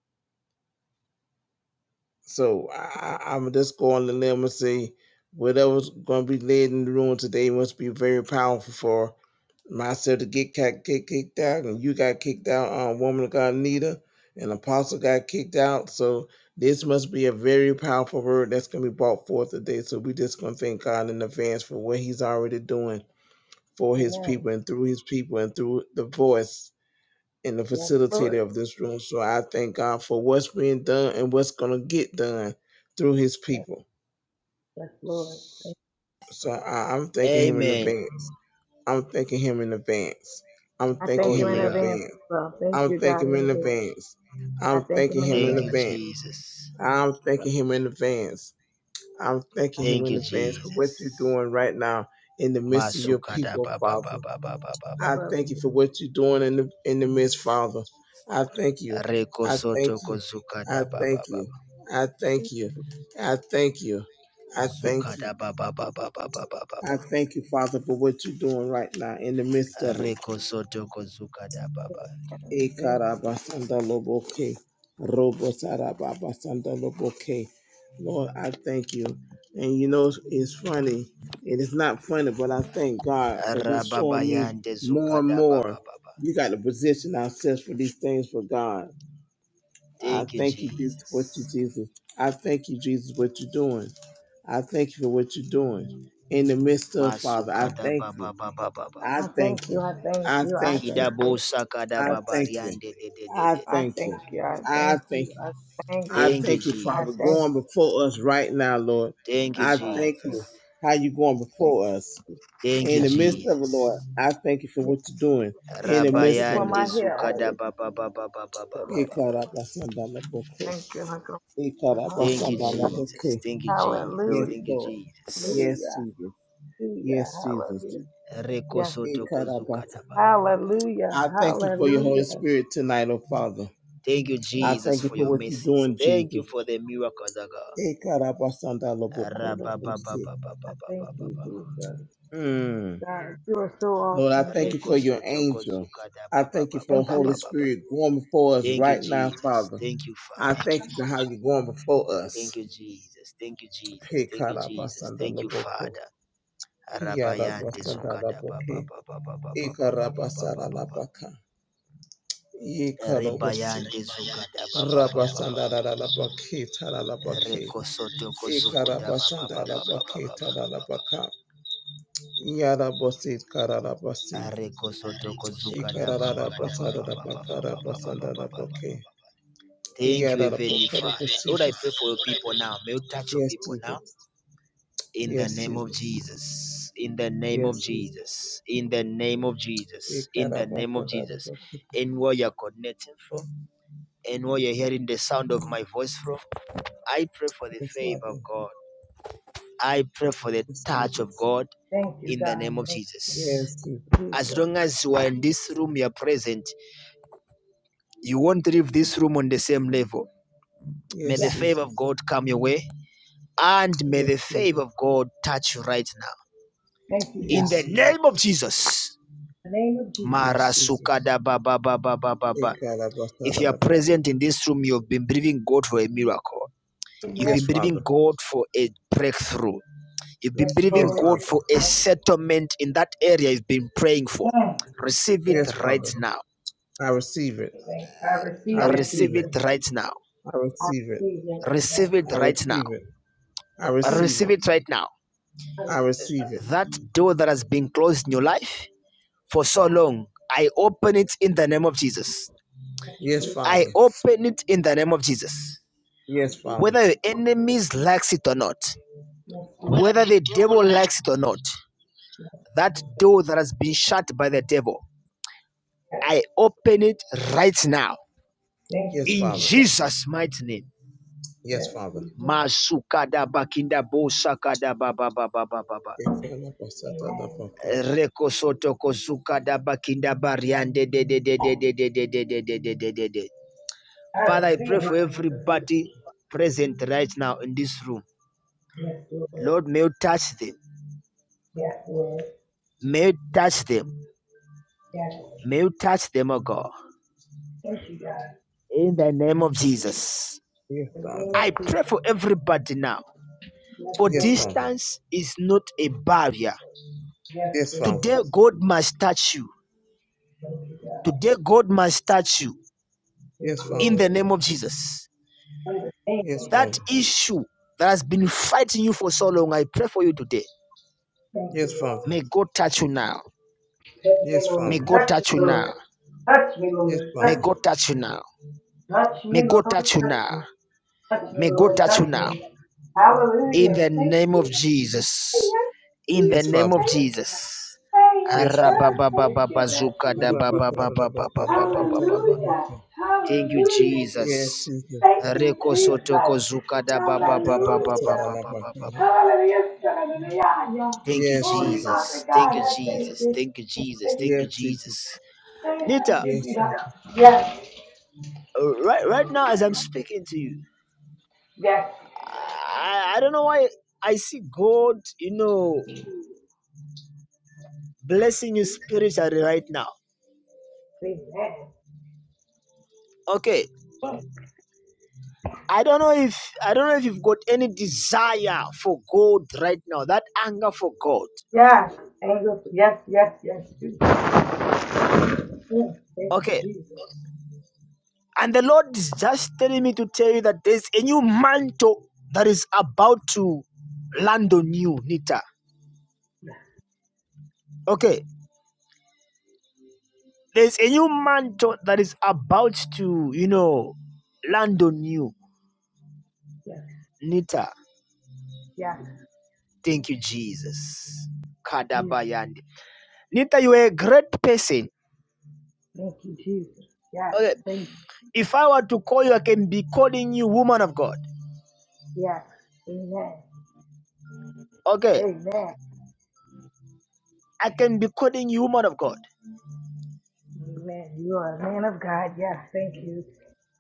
Speaker 4: So I, I, I'm just going on the limb and say whatever's going to be led in the room today must be very powerful for myself to get kicked, get kicked out, and you got kicked out, um, woman of God, Nita, and Apostle got kicked out. So this must be a very powerful word that's going to be brought forth today. So we just going to thank God in advance for what he's already doing for his
Speaker 3: Amen.
Speaker 4: people and through his people and through the voice and the
Speaker 3: Yes,
Speaker 4: facilitator
Speaker 3: Lord.
Speaker 4: of this room. So I thank God for what's being done and what's going to get done through his
Speaker 3: Yes,
Speaker 4: people.
Speaker 3: yes, Lord. Thank-
Speaker 4: So I, I'm thanking him in
Speaker 1: Amen.
Speaker 4: advance. I'm thanking him in advance. I'm
Speaker 3: I
Speaker 4: thanking
Speaker 1: Oh
Speaker 3: thank you
Speaker 4: him
Speaker 3: in
Speaker 4: in
Speaker 1: yeah.
Speaker 3: advance
Speaker 4: advance.
Speaker 3: as well. Thank
Speaker 4: I'm
Speaker 3: you, God,
Speaker 4: thanking him
Speaker 3: in
Speaker 4: in
Speaker 3: advance.
Speaker 4: advance.
Speaker 3: I
Speaker 4: I'm
Speaker 3: thank him
Speaker 4: thanking
Speaker 3: in
Speaker 4: him in
Speaker 1: Thank you,
Speaker 3: advance.
Speaker 4: advance.
Speaker 1: Jesus.
Speaker 4: I'm
Speaker 3: So,
Speaker 4: thanking him in advance. I'm thanking
Speaker 3: God,
Speaker 4: him
Speaker 1: Thank
Speaker 4: in
Speaker 1: you,
Speaker 4: advance for what you're
Speaker 1: Jesus.
Speaker 4: doing right now in the midst of your
Speaker 1: Masuka da
Speaker 4: people,
Speaker 1: ba ba ba
Speaker 4: Father.
Speaker 1: ba ba ba ba ba.
Speaker 4: I
Speaker 3: for
Speaker 4: thank you for what you're doing in the in the midst, Father. I thank you.
Speaker 1: Reko
Speaker 4: I thank
Speaker 1: soto ko
Speaker 4: you.
Speaker 1: zuka
Speaker 4: I
Speaker 1: da ba ba
Speaker 4: thank
Speaker 1: ba
Speaker 4: you.
Speaker 1: ba.
Speaker 4: I thank you. I thank you. I thank
Speaker 1: Zuka
Speaker 4: you.
Speaker 1: da ba ba ba ba ba ba ba ba
Speaker 4: I
Speaker 1: ba.
Speaker 4: thank you, Father, for what you're doing right now in the midst of it.
Speaker 1: Reko soto ko zuka da ba ba.
Speaker 3: everything. Thank you.
Speaker 4: Ekarabasandaloboke, robosarababasandaloboke. Lord, I thank you. And you know, it's funny. It is not funny, but I thank God because it's
Speaker 1: Rababa
Speaker 4: showing me
Speaker 1: yande
Speaker 4: more
Speaker 1: zuka
Speaker 4: and
Speaker 1: da ba
Speaker 4: more.
Speaker 1: ba ba ba.
Speaker 4: We got to position ourselves for these things for God. I
Speaker 1: Thank you,
Speaker 4: thank you, Jesus, for what you,
Speaker 1: Jesus.
Speaker 4: Jesus. I thank you, Jesus, what you're doing. I thank you for what you're doing in the midst of Father. I
Speaker 1: Masukada
Speaker 4: thank you.
Speaker 1: baba baba
Speaker 4: I
Speaker 1: baba.
Speaker 3: I thank
Speaker 4: thank
Speaker 3: you.
Speaker 4: you.
Speaker 3: I thank
Speaker 4: I
Speaker 3: you. I
Speaker 4: thank you.
Speaker 3: thank
Speaker 1: Kidabo
Speaker 3: you.
Speaker 1: sakada
Speaker 4: I
Speaker 3: Thank
Speaker 1: baba
Speaker 4: thank you.
Speaker 1: riande de de de
Speaker 4: I
Speaker 1: de
Speaker 3: I
Speaker 1: de.
Speaker 4: thank
Speaker 1: de.
Speaker 4: you.
Speaker 3: thank you. I
Speaker 4: I
Speaker 3: thank
Speaker 4: thank
Speaker 3: you.
Speaker 4: you.
Speaker 3: I thank
Speaker 4: I
Speaker 3: you.
Speaker 1: Thank you,
Speaker 4: thank you,
Speaker 3: I
Speaker 4: Father,
Speaker 3: thank
Speaker 1: Jesus.
Speaker 3: you.
Speaker 4: going before us right now, Lord.
Speaker 1: Thank you,
Speaker 4: I
Speaker 3: God.
Speaker 4: thank
Speaker 1: Jesus.
Speaker 3: Thank you.
Speaker 4: you how you going
Speaker 3: Thank
Speaker 4: before us
Speaker 3: you.
Speaker 1: Thank you,
Speaker 4: in
Speaker 3: Yes,
Speaker 4: the midst
Speaker 3: Jesus.
Speaker 4: of it,
Speaker 1: Jesus.
Speaker 4: Lord. I thank you for
Speaker 3: Yes,
Speaker 4: what you're doing in the
Speaker 3: thank you
Speaker 4: midst
Speaker 3: for
Speaker 4: of it.
Speaker 1: Rabayande
Speaker 3: my hair
Speaker 1: zukada
Speaker 3: oil.
Speaker 1: baba baba baba baba baba.
Speaker 4: Ikarabasandalaboko.
Speaker 3: Thank you.
Speaker 1: Thank you,
Speaker 3: Hallelujah.
Speaker 1: Jesus.
Speaker 4: Ikarabasandalaboko.
Speaker 1: Thank you, Jesus.
Speaker 4: Yes,
Speaker 3: Hallelujah.
Speaker 1: Thank you,
Speaker 4: Lord.
Speaker 1: Jesus.
Speaker 4: Yes,
Speaker 3: Hallelujah.
Speaker 4: Jesus. Yes, Jesus.
Speaker 3: Hallelujah. Yes.
Speaker 1: Rekosoto
Speaker 4: Ikarabasa.
Speaker 1: kozukada baba baba baba.
Speaker 4: I
Speaker 3: Hallelujah.
Speaker 4: thank you for your Holy
Speaker 3: Hallelujah.
Speaker 4: Spirit tonight, oh Father.
Speaker 1: Thank you,
Speaker 4: I
Speaker 3: Thank
Speaker 1: Jesus,
Speaker 4: thank you
Speaker 1: for
Speaker 4: for
Speaker 1: your
Speaker 4: what you're
Speaker 1: mercies.
Speaker 4: doing,
Speaker 1: Thank you
Speaker 4: Jesus.
Speaker 1: for the miracles, oh God.
Speaker 3: you.
Speaker 4: Ekarabasandalobokorobosi.
Speaker 3: I thank you,
Speaker 1: Rababababababababa.
Speaker 3: Jesus.
Speaker 4: Mm.
Speaker 3: God, you are so
Speaker 4: Lord, I
Speaker 3: awesome.
Speaker 4: thank
Speaker 3: Thank
Speaker 4: you for
Speaker 3: you.
Speaker 4: your angel. I thank you for the
Speaker 3: Thank you.
Speaker 4: Holy
Speaker 1: Rekosotokozukadababababababa.
Speaker 4: Spirit going before us
Speaker 1: Thank you,
Speaker 4: right now,
Speaker 1: Jesus.
Speaker 4: Father.
Speaker 1: Thank you,
Speaker 4: I
Speaker 1: Father.
Speaker 4: thank you for how you're going before
Speaker 1: Thank
Speaker 4: us.
Speaker 1: you, Jesus. Thank you, Jesus. Thank you, Jesus. Thank you,
Speaker 4: Ekarabasandaloboko.
Speaker 1: Father. Rabayande zukada baba
Speaker 4: Yarabasandaloboke.
Speaker 1: baba baba baba baba baba baba.
Speaker 4: Ekarabasalalabaka. Ekarabosi.
Speaker 1: Rebayande zukada baba baba baba.
Speaker 4: Rabasandalalabaki, talalabaki.
Speaker 1: Rekosotoko zukuda baba baba baba
Speaker 4: Ekarabasandalabaki,
Speaker 1: baba.
Speaker 4: talalabaka. Yarabosi, karabasi.
Speaker 1: Rekosotoko zukada
Speaker 4: Ikararara
Speaker 1: baba baba baba
Speaker 4: basarara
Speaker 1: baba
Speaker 4: bakara
Speaker 1: baba baba
Speaker 4: basandara
Speaker 1: baba.
Speaker 4: bake.
Speaker 1: Thank you,
Speaker 4: Yarara
Speaker 1: Heavenly
Speaker 4: bokoro
Speaker 1: Father. Lord, I
Speaker 4: Jesus.
Speaker 1: pray for your people now. May you touch your
Speaker 4: Yes,
Speaker 1: people now.
Speaker 4: Jesus.
Speaker 1: In the
Speaker 4: Yes,
Speaker 1: name of
Speaker 4: Jesus.
Speaker 1: Jesus. In the name of
Speaker 4: Yes, Jesus.
Speaker 1: Jesus. In the name of Jesus. In
Speaker 4: Ikara
Speaker 1: the name of
Speaker 4: basandara
Speaker 1: Jesus.
Speaker 4: bake.
Speaker 1: Anywhere you're connecting from, anywhere you're hearing the sound of my voice from, I pray for the
Speaker 4: Yes,
Speaker 1: favor of
Speaker 4: Father.
Speaker 1: God. I pray for the
Speaker 4: Yes,
Speaker 1: touch of
Speaker 4: Jesus.
Speaker 1: God
Speaker 3: Thank you,
Speaker 1: in the
Speaker 3: God.
Speaker 1: name of
Speaker 3: Thank
Speaker 1: Jesus.
Speaker 4: Yes, Jesus.
Speaker 3: you,
Speaker 1: As
Speaker 3: Jesus.
Speaker 1: long as you are in this room, you are present, you won't leave this room on the same level. May the
Speaker 4: Yes,
Speaker 3: Yes.
Speaker 1: favor of
Speaker 4: Jesus.
Speaker 1: God come your way And may
Speaker 4: Yes,
Speaker 1: the favor
Speaker 4: Jesus.
Speaker 1: of God touch you right now.
Speaker 3: Thank you,
Speaker 1: In
Speaker 3: God.
Speaker 1: the
Speaker 4: Yes, Jesus.
Speaker 1: name of Jesus.
Speaker 3: In the name of Jesus.
Speaker 4: Yes, Jesus.
Speaker 1: Marasukada ba ba ba ba ba ba ba.
Speaker 4: Ikara
Speaker 1: If you are
Speaker 4: basandara
Speaker 3: Yes.
Speaker 4: bake.
Speaker 1: present in this room, you've been believing God for a miracle. You've
Speaker 3: Amen.
Speaker 4: Yes,
Speaker 1: been believing
Speaker 4: Father.
Speaker 1: God for a breakthrough. You've
Speaker 3: Yes,
Speaker 1: been believing
Speaker 4: Yes,
Speaker 3: Lord.
Speaker 1: God
Speaker 4: Father.
Speaker 1: for a
Speaker 3: Thank you.
Speaker 1: settlement in that area you've been praying for.
Speaker 3: Mm.
Speaker 1: Receive it
Speaker 3: Thank
Speaker 4: Yes,
Speaker 1: right
Speaker 4: Father.
Speaker 1: now.
Speaker 4: I receive it.
Speaker 3: you. Thank you. I
Speaker 4: I
Speaker 3: receive it,
Speaker 1: Receive
Speaker 4: receive
Speaker 1: it
Speaker 4: it.
Speaker 3: Jesus.
Speaker 1: right now.
Speaker 4: I
Speaker 3: I
Speaker 4: receive it.
Speaker 3: receive it.
Speaker 1: Receive
Speaker 3: Yes.
Speaker 1: it
Speaker 4: I
Speaker 1: right now.
Speaker 4: receive it. I receive
Speaker 1: Receive
Speaker 4: it.
Speaker 1: it right now.
Speaker 4: I receive it.
Speaker 1: That door that has been closed in your life for so long. I open it in the name of Jesus.
Speaker 4: Yes,
Speaker 1: I
Speaker 4: Father.
Speaker 1: open it in the name of Jesus.
Speaker 4: Yes, Father.
Speaker 1: Whether your enemies likes it or not,
Speaker 4: Whether
Speaker 1: whether
Speaker 4: the
Speaker 1: the
Speaker 4: devil
Speaker 1: devil
Speaker 4: likes
Speaker 1: likes it or not, that door that has been shut by the devil,
Speaker 3: Yes.
Speaker 1: I open it right now
Speaker 3: Thank
Speaker 4: Yes,
Speaker 3: you,
Speaker 1: in
Speaker 4: Father.
Speaker 3: Jesus.
Speaker 1: Jesus' mighty name.
Speaker 4: Yes,
Speaker 3: Yes,
Speaker 4: Father.
Speaker 3: Jesus.
Speaker 1: Masukada bakinda bosakada baba baba baba
Speaker 4: Yes, Father.
Speaker 1: Reko soto kozuka da bakinda bariande de de de de de de de de de de de de de. Father, I pray for everybody present right now in this room.
Speaker 3: Yes, Lord.
Speaker 1: Lord, may you touch them.
Speaker 3: Yes, Lord.
Speaker 1: May you touch them.
Speaker 3: Yes.
Speaker 1: May you touch them, oh God.
Speaker 3: Thank you, God.
Speaker 1: In the name of Jesus.
Speaker 4: Yes,
Speaker 3: In the name
Speaker 4: Father.
Speaker 3: of
Speaker 1: I
Speaker 3: Jesus.
Speaker 1: pray for everybody now.
Speaker 3: Yes,
Speaker 1: For
Speaker 4: Yes,
Speaker 3: Lord.
Speaker 4: Father.
Speaker 1: distance is not a barrier.
Speaker 3: Yes,
Speaker 4: Yes,
Speaker 3: Lord.
Speaker 4: Father.
Speaker 1: Today, God must touch you.
Speaker 3: Thank you, God.
Speaker 1: Today, God must touch you.
Speaker 3: Yes,
Speaker 4: Yes,
Speaker 1: In
Speaker 4: Father.
Speaker 3: Lord.
Speaker 1: the name of Jesus.
Speaker 4: Yes,
Speaker 3: Thank you,
Speaker 1: That
Speaker 4: Father.
Speaker 1: issue that has been fighting you for so long, I pray for you today.
Speaker 3: Thank you,
Speaker 4: Yes,
Speaker 3: Lord.
Speaker 4: Father.
Speaker 1: May God touch you now.
Speaker 4: Yes,
Speaker 1: May
Speaker 4: Father.
Speaker 1: God
Speaker 3: Touch
Speaker 1: touch
Speaker 3: me,
Speaker 1: you
Speaker 3: Lord.
Speaker 1: now.
Speaker 3: Touch me,
Speaker 4: Yes,
Speaker 3: Lord.
Speaker 1: May
Speaker 3: Touch
Speaker 4: Father.
Speaker 3: me, Lord. Touch
Speaker 1: God
Speaker 3: me.
Speaker 1: touch you now.
Speaker 3: Touch
Speaker 1: May
Speaker 3: me,
Speaker 1: God
Speaker 3: Lord.
Speaker 1: touch you
Speaker 3: Touch
Speaker 1: now.
Speaker 3: me. Touch me,
Speaker 1: May God
Speaker 3: Lord.
Speaker 1: touch you
Speaker 3: Touch
Speaker 1: now.
Speaker 3: me.
Speaker 1: In
Speaker 3: Hallelujah.
Speaker 1: the
Speaker 3: Thank you.
Speaker 1: name of Jesus.
Speaker 3: Yes,
Speaker 1: In the
Speaker 4: Yes,
Speaker 3: Jesus.
Speaker 1: name
Speaker 4: Father.
Speaker 1: of
Speaker 3: Thank you.
Speaker 1: Jesus.
Speaker 3: Hey, yes,
Speaker 4: Yes,
Speaker 3: Lord. Thank you, God.
Speaker 1: Arabababababazuka
Speaker 3: Thank
Speaker 1: da
Speaker 3: you.
Speaker 1: ba ba ba ba ba ba ba ba ba ba
Speaker 4: Father.
Speaker 1: ba.
Speaker 3: Hallelujah.
Speaker 1: Thank you,
Speaker 3: Hallelujah.
Speaker 4: Yes,
Speaker 1: Jesus.
Speaker 4: Jesus.
Speaker 3: Thank you,
Speaker 1: Reko
Speaker 3: Jesus.
Speaker 1: sotoko zuka da
Speaker 4: Yes,
Speaker 1: ba
Speaker 3: Hallelujah.
Speaker 1: ba ba ba ba ba ba ba ba
Speaker 4: Jesus.
Speaker 1: ba.
Speaker 3: Hallelujah. Hallelujah.
Speaker 1: Thank you,
Speaker 4: Yes,
Speaker 3: Holy
Speaker 4: Jesus.
Speaker 3: Father
Speaker 1: Jesus. Thank
Speaker 3: God,
Speaker 1: you,
Speaker 3: I thank
Speaker 1: Jesus.
Speaker 3: you.
Speaker 1: Thank you, Jesus.
Speaker 3: Thank you.
Speaker 1: Thank you,
Speaker 4: Yes, Jesus.
Speaker 1: Jesus.
Speaker 3: Thank
Speaker 1: Nita,
Speaker 3: you,
Speaker 4: Yes, Jesus.
Speaker 3: Jesus. Yes.
Speaker 1: uh, right, right now as I'm speaking to you, I, I don't know why I see God, you know. blessing you spiritually right now.
Speaker 3: Amen.
Speaker 1: Okay. I don't know if I don't know if you've got any desire for God right now, that anger for God.
Speaker 3: Yes. Angels. Yes, yes, yes, Jesus. Mm. Thank you,
Speaker 1: Okay.
Speaker 3: Jesus.
Speaker 1: And the Lord is just telling me to tell you that there's a new mantle that is about to land on you, Nita. Okay. There's a new mantle that is about to, you know, land on you,
Speaker 3: Yes,
Speaker 1: Nita.
Speaker 3: yes,
Speaker 1: Thank you, Jesus.
Speaker 3: Jesus.
Speaker 1: Kadabayandi. Nita, you are a great person.
Speaker 3: Thank you, Jesus. Yes,
Speaker 1: Okay.
Speaker 3: thank you.
Speaker 1: If I were to call you, I can be calling you woman of God.
Speaker 3: Yes. Amen.
Speaker 1: Okay.
Speaker 3: Amen.
Speaker 1: I can be calling you woman of God.
Speaker 3: Amen. You are a man of God. Yes, thank you.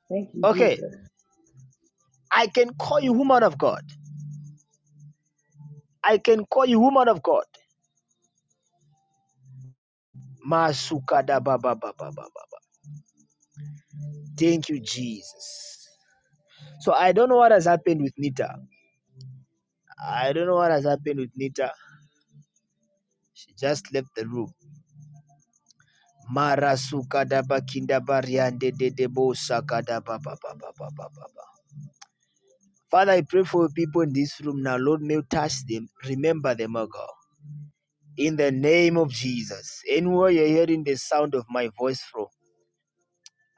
Speaker 3: Thank you,
Speaker 1: Okay.
Speaker 3: Jesus.
Speaker 1: I can call you woman of God. I can call you woman of God. Masukada baba baba baba ba ba ba Thank you, Jesus. So I don't know what has happened with Nita. I don't know what has happened with Nita. She just left the room. Marasukada ba kinda bariande de de bo sakada baba baba baba baba ba Father, I pray for your people in this room now. Lord, may you touch them. Remember them, O God. in the name of Jesus. Anywhere you're hearing the sound of my voice from,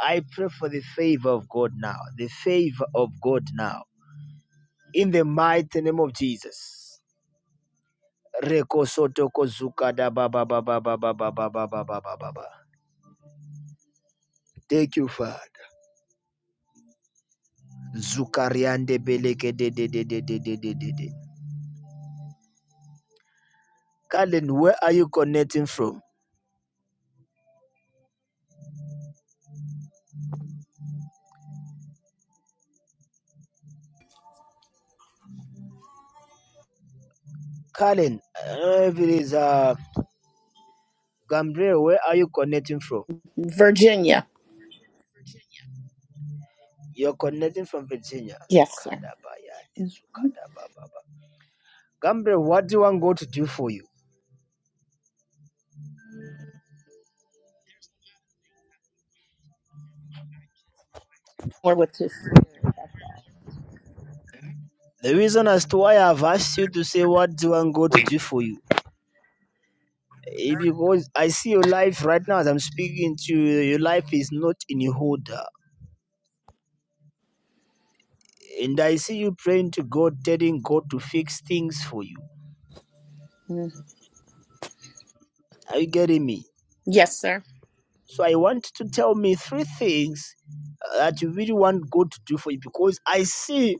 Speaker 1: I pray for the favor of God now, the favor of God now, in the mighty name of Jesus. Thank you, Father. Zukariande beleke de de de de de de de de de. Kalen, where are you connecting from? Kalen, uh, if it is uh, Gambriel, where are you connecting from?
Speaker 5: Virginia.
Speaker 1: You're connecting from Virginia.
Speaker 5: Yes, sir.
Speaker 1: Kadabaya desu kadababa. Gambre, what do you want God to do for you?
Speaker 5: Or with his spirit.
Speaker 1: The reason as to why I've asked you to say what do you want God to do for you? eh, Because I see your life right now as I'm speaking to you, your life is not in your order. And I see you praying to God, telling God to fix things for you.
Speaker 5: Mm.
Speaker 1: Are you getting me?
Speaker 5: Yes, sir.
Speaker 1: So I want to tell me three things uh, that you really want God to do for you because I see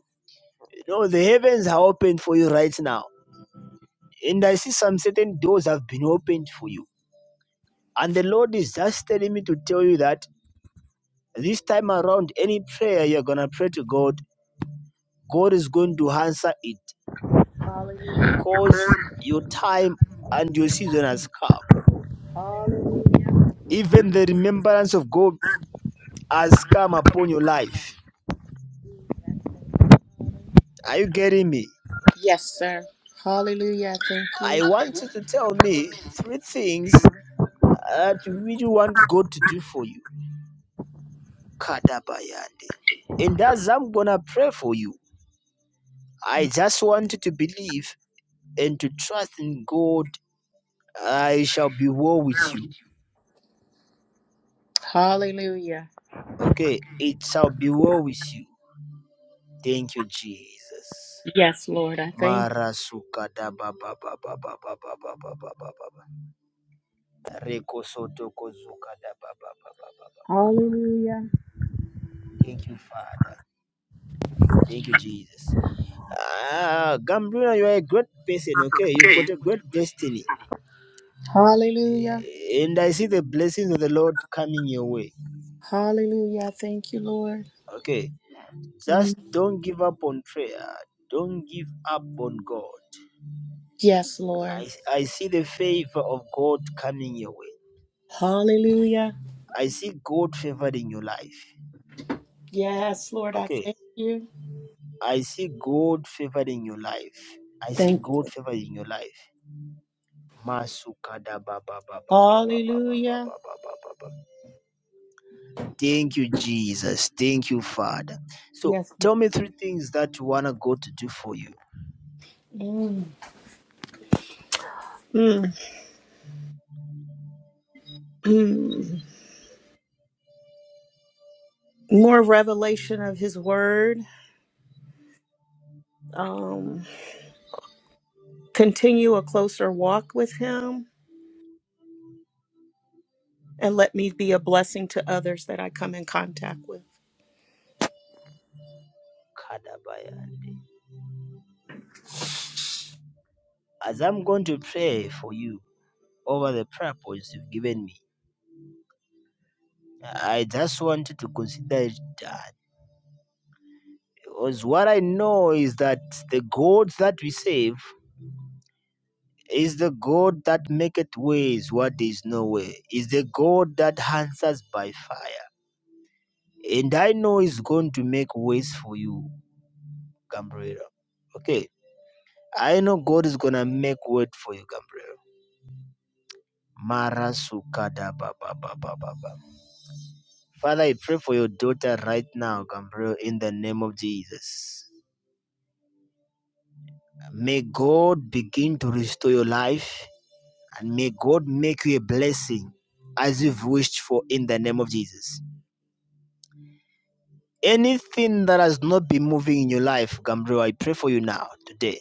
Speaker 1: you know the heavens are open for you right now. And I see some certain doors have been opened for you. And the Lord is just telling me to tell you that this time around, any prayer you're going to pray to God, God is going to answer it because your time and your season has come. Even the remembrance of God has come upon your life. Are you getting me?
Speaker 5: Yes, sir. Hallelujah. I Thank you.
Speaker 1: I want you to tell me three things that you really want God to do for you. Kadabayande. And as I'm gonna pray for you. I just wanted to believe and to trust in God. I shall be well with you.
Speaker 5: Hallelujah.
Speaker 1: Okay, it shall be well with you. Thank you, Jesus.
Speaker 5: Yes, Lord. I thank. you.
Speaker 1: Marasuka da ba ba ba ba ba ba ba ba ba ba ba ba ba. Reko soto kozuka da ba ba ba ba ba ba.
Speaker 5: Hallelujah.
Speaker 1: Thank you, Father. Thank you, Jesus. Ah, Gambrina, you are a great person. Okay, you've got a great destiny,
Speaker 5: Hallelujah.
Speaker 1: Eh, and I see the blessings of the Lord coming your way.
Speaker 5: Hallelujah. I Thank you, Lord.
Speaker 1: Okay,
Speaker 5: Mm.
Speaker 1: Just don't give up on prayer. Don't give up on God.
Speaker 5: Yes, Lord.
Speaker 1: I, I see the favor of God coming your way.
Speaker 5: Hallelujah.
Speaker 1: I see God favoring your life.
Speaker 5: Yes, Lord. I
Speaker 1: Okay.
Speaker 5: thank you.
Speaker 1: I see God favoring your life. I see
Speaker 5: Thank. you.
Speaker 1: God favoring your life. Masukada ba ba ba ba ba ba ba ba ba
Speaker 5: Hallelujah.
Speaker 1: ba ba ba ba ba. Thank you, Jesus. Thank you, Father. So
Speaker 5: Yes, Lord.
Speaker 1: tell me three things that you wanna God to do for you.
Speaker 5: Mm. Mm. Mm. More revelation of His Word. Um. Continue a closer walk with Him and let me be a blessing to others that I come in contact with.
Speaker 1: Kada Kadabaya. As I'm going to pray for you, over the prayer points you've given me. I just wanted to consider it that because what I know is that the God that we save is the God that maketh ways where there is no way, is the God that answers by fire. And I know He's going to make ways for you, Gabriel. Okay. I know God is gonna make word for you, Gabriel. Mara sukada ba ba ba ba ba ba. Father, I pray for your daughter right now, Gabriel, in the name of Jesus. May God begin to restore your life and may God make you a blessing as you've wished for in the name of Jesus. Anything that has not been moving in your life, Gabriel, I pray for you now, today.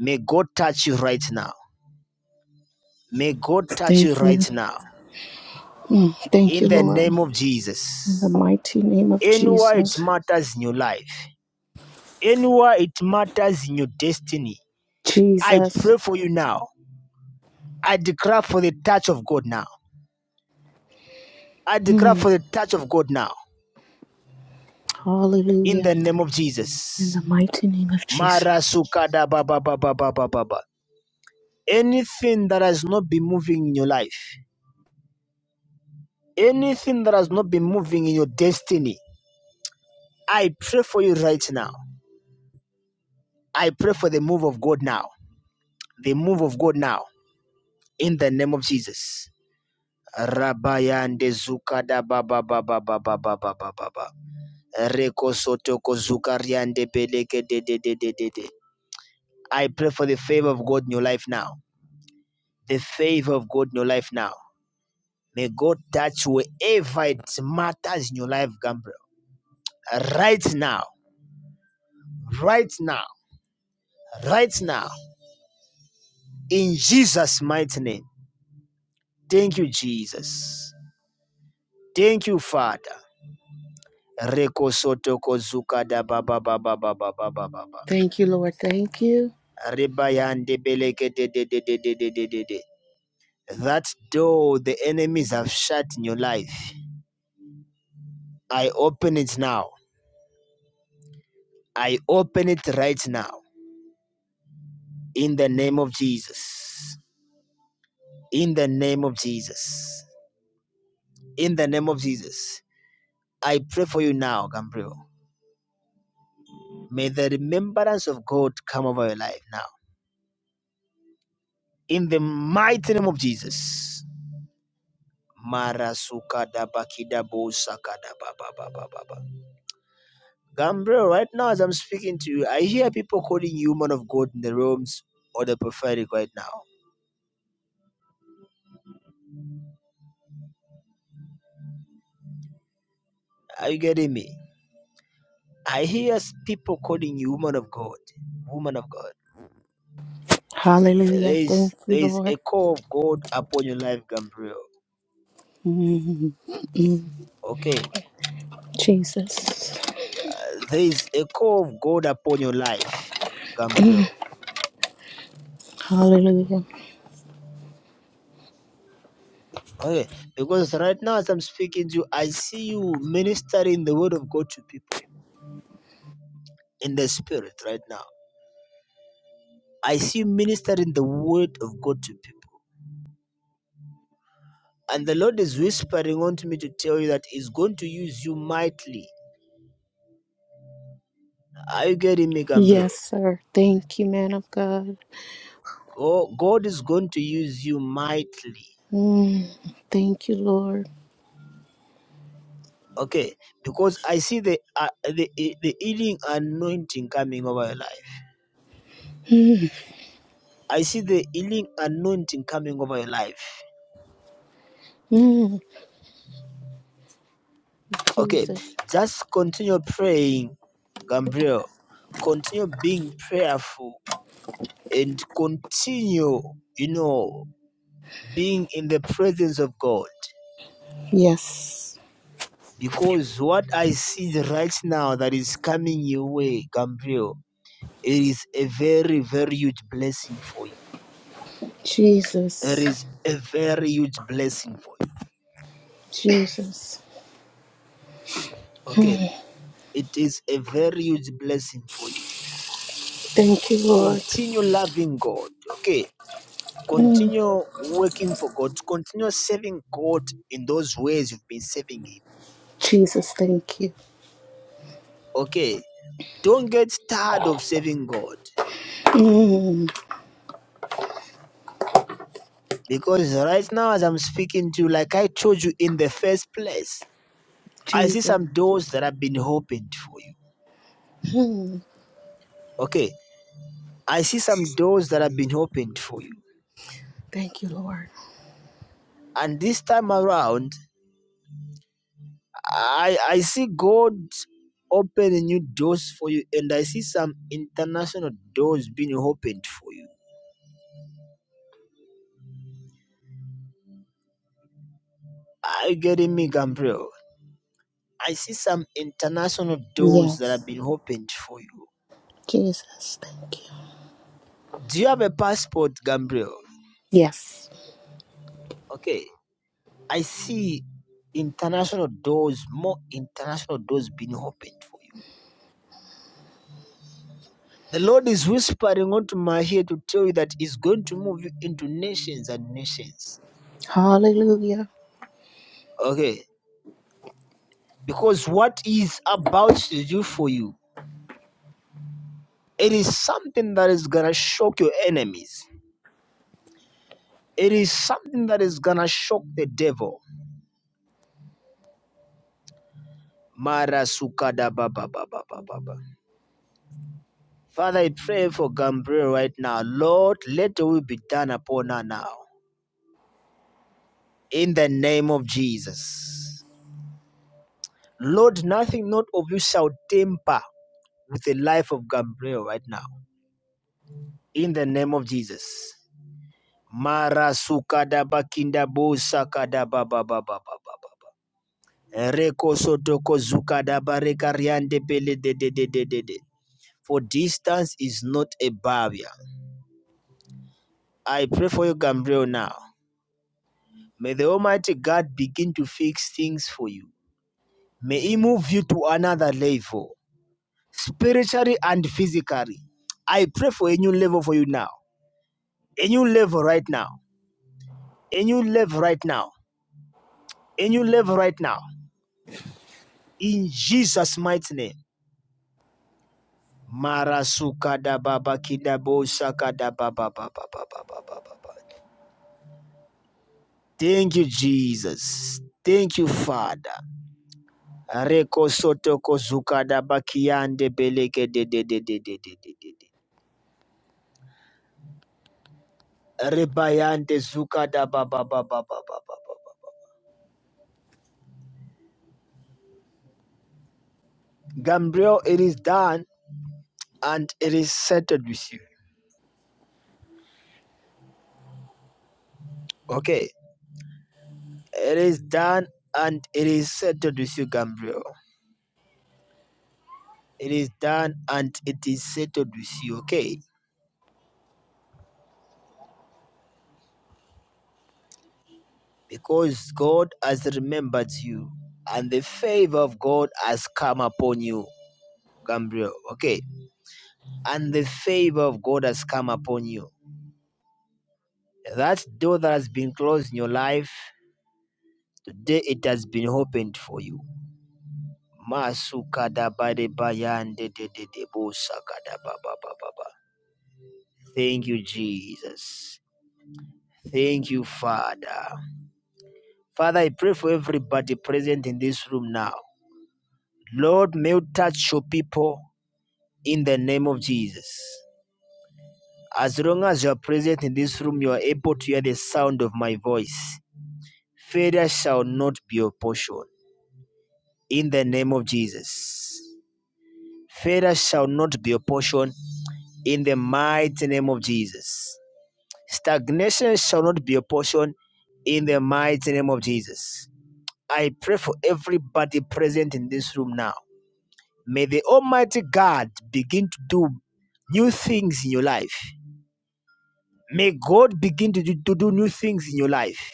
Speaker 1: May God touch you right now. May God touch you
Speaker 5: Thank
Speaker 1: right
Speaker 5: you.
Speaker 1: now
Speaker 5: Mm, Thank
Speaker 1: in
Speaker 5: you,
Speaker 1: the
Speaker 5: Lord.
Speaker 1: name of
Speaker 5: In the
Speaker 1: Jesus.
Speaker 5: mighty name of
Speaker 1: Anywhere it
Speaker 5: Jesus.
Speaker 1: matters in your life, anywhere it matters in your destiny, I
Speaker 5: Jesus.
Speaker 1: pray for you now. I declare for the touch of God now. I declare
Speaker 5: Mm,
Speaker 1: for the touch of God now. in
Speaker 5: Hallelujah.
Speaker 1: the name of
Speaker 5: In
Speaker 1: Jesus.
Speaker 5: the mighty name of Jesus.
Speaker 1: Mara sukada baba baba baba ba Anything that has not been moving in your life, anything that has not been moving in your destiny, I pray for you right now. I pray for the move of God now. The move of God now in the name of Jesus. Rabayande zukada baba baba baba baba baba ba ba ba ba ba Reko soto ko beleke de de de de de de. I pray for the favor of God in your life now. The favor of God in your life now May God touch wherever it matters in your life, Gabriel. Right now, right now, right now, in Jesus' mighty name. Thank you, Jesus. Thank you, Father. Reko soto kozuka da ba ba ba ba ba ba ba ba ba ba.
Speaker 5: Thank you, Lord. Thank you.
Speaker 1: beleke de de de de de de de de. That door the enemies have shut in your life, I open it now. I open it right now in the name of Jesus. in the name of Jesus. In the name of Jesus. I pray for you now, Gabriel. May the remembrance of God come over your life now. In the mighty name of Jesus. Marasuka Gabriel, right now as I'm speaking to you, I hear people calling you man of God in the realms or the prophetic right now. Are you getting me? I hear people calling you woman of God. Woman of God. There
Speaker 5: Hallelujah. Thank
Speaker 1: is
Speaker 5: you,
Speaker 1: there is
Speaker 5: Lord.
Speaker 1: a call of God upon your life, Gabriel.
Speaker 5: Mm, mm,
Speaker 1: okay
Speaker 5: Jesus.
Speaker 1: uh, there is a call of god upon your life gabriel
Speaker 5: Hallelujah.
Speaker 1: okay because right now as i'm speaking to you i see you ministering the word of god to people in the spirit right now i see you ministering the word of god to people and the lord is whispering unto me to tell you that he's going to use you mightily are you getting me gabriel
Speaker 5: Yes, sir. Thank you, man of God.
Speaker 1: Go- god is going to use you mightily
Speaker 5: Mm, thank you, Lord.
Speaker 1: okay because i see the uh, the the healing anointing coming over your life
Speaker 5: Mm,
Speaker 1: I see the healing anointing coming over your life.
Speaker 5: mm.
Speaker 1: Okay,
Speaker 5: Jesus.
Speaker 1: just continue praying, Gabriel. Continue being prayerful and continue, you know, being in the presence of God.
Speaker 5: Yes.
Speaker 1: Because what I see right now that is coming your way, Gabriel, it is a very, very huge blessing for you. It
Speaker 5: Jesus.
Speaker 1: is a very huge blessing for you.
Speaker 5: Jesus.
Speaker 1: Okay, it is a very huge blessing for you.
Speaker 5: Thank you, Lord.
Speaker 1: Continue loving God. Okay,
Speaker 5: Mm.
Speaker 1: Continue working for God. Continue serving God in those ways you've been serving Him.
Speaker 5: Jesus, thank you.
Speaker 1: Okay. Don't get tired of serving God.
Speaker 5: Mm.
Speaker 1: Because right now, as I'm speaking to you, like I told you in the first place, I see
Speaker 5: Jesus.
Speaker 1: some doors that have been opened for you.
Speaker 5: Mm.
Speaker 1: Okay. I see some doors that have been opened for you.
Speaker 5: Thank you, Lord.
Speaker 1: And this time around, I, I see God opening new doors for you. And I see some international doors being opened for you. Are you getting me, Gabriel? I see some international doors that
Speaker 5: Yes.
Speaker 1: have been opened for you.
Speaker 5: Jesus, thank you.
Speaker 1: Do you have a passport, Gabriel?
Speaker 5: Yes.
Speaker 1: Okay. I see international doors, more international doors being opened for you. The Lord is whispering onto my ear to tell you that He's going to move you into nations and nations.
Speaker 5: Hallelujah.
Speaker 1: Okay. Because what He is about to do for you, it is something that is gonna shock your enemies. It is something that is gonna shock the devil. Mara sukada baba baba baba. Father, I pray for Gabriel right now. Lord, let the will be done upon her now. In the name of Jesus. Lord, nothing not of you shall temper with the life of Gabriel right now. In the name of Jesus. Mara sukada bakinda bo sakada ba ba Reko sotoko zukada bareka pele de de de de de de. For distance is not a barrier. I pray for you, Gabriel, now. May the Almighty God begin to fix things for you. May He move you to another level, spiritually and physically. I pray for a new level for you now, a new level right now, a new level right now, a new level right now. In Jesus' mighty name. Marasuka da baba kida bo saka da ba ba ba ba ba ba ba ba ba Thank you, Jesus. Thank you, Father. Reko soto kozuka da bakiande beleke de de de de de de de de de. Rebayande Zuka da ba ba ba ba ba ba ba ba. Gabriel, it is done and it is settled with you. Okay. It is done and it is settled with you, Gabriel. It is done and it is settled with you, okay? Because God has remembered you and the favor of God has come upon you, Gabriel. Okay. And the favor of God has come upon you. That door that has been closed in your life, today it has been opened for you Masukadabadebayandedededebosakadababababa. Thank you, Jesus. Thank you, Father. Father, I pray for everybody present in this room now. Lord, may you touch your people in the name of Jesus. As long as you are present in this room, you are able to hear the sound of my voice. Failure shall not be your portion in the name of Jesus. Failure shall not be your portion in the mighty name of Jesus. Stagnation shall not be a portion in the mighty name of Jesus. I pray for everybody present in this room now. May the Almighty God begin to do new things in your life. May God begin to do, to do new things in your life.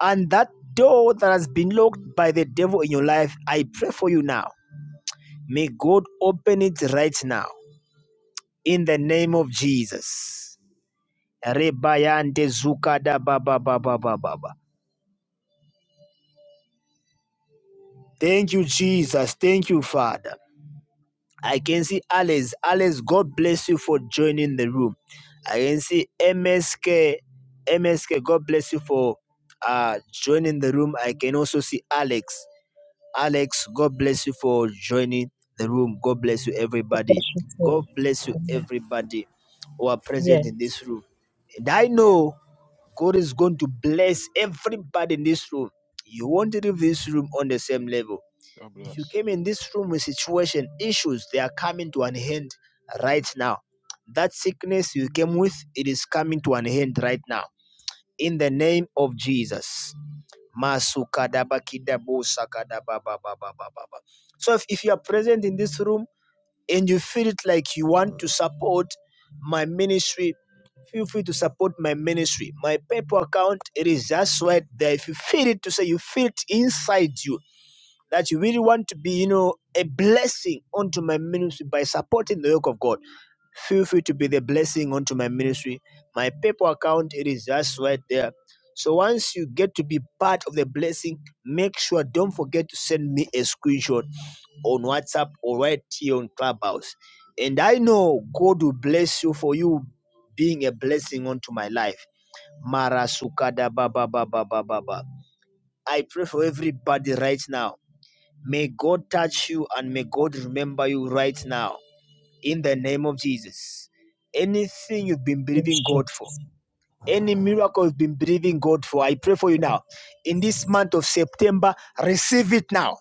Speaker 1: And that door that has been locked by the devil in your life, I pray for you now. May God open it right now. In the name of Jesus. Rebayante zuka da ba ba ba ba ba ba ba. Thank you, Jesus. Thank you, Father. I can see Alice. Alice, God bless you for joining the room. I can see M S K. M S K, God bless you for uh, joining the room. I can also see Alex. Alex, God bless you for joining the room. God bless you, everybody.
Speaker 6: Yes, you too.
Speaker 1: God bless you,
Speaker 6: Yeah.
Speaker 1: everybody who are
Speaker 6: Yeah.
Speaker 1: present in this room. And I
Speaker 7: Thank you.
Speaker 1: know God is going to bless everybody in this room. You won't leave this room on the same level
Speaker 8: God
Speaker 1: if you
Speaker 8: bless.
Speaker 1: came in this room with situation, issues, they are coming to an end right now. That sickness you came with, it is coming to an end right now. In the name of Jesus. Masukadabakidabo So if, if you are present in this room and you feel it like you want to support my ministry, feel free to support my ministry. My PayPal account, it is just right there. If you feel it to say you feel it inside you, that you really want to be, you know, a blessing unto my ministry by supporting the work of God, feel free to be the blessing unto my ministry. My PayPal account, it is just right there. So once you get to be part of the blessing, make sure don't forget to send me a screenshot on WhatsApp or right here on Clubhouse. And I know God will bless you for you being a blessing unto my life. Mara sukada ba ba ba ba ba ba. ba. I pray for everybody right now May God touch you and may God remember you right now in the name of Jesus. Anything you've been
Speaker 6: Yes,
Speaker 1: believing God for,
Speaker 6: Jesus.
Speaker 1: any miracle you've been believing God for, I pray for you now. In this month of September, receive it now.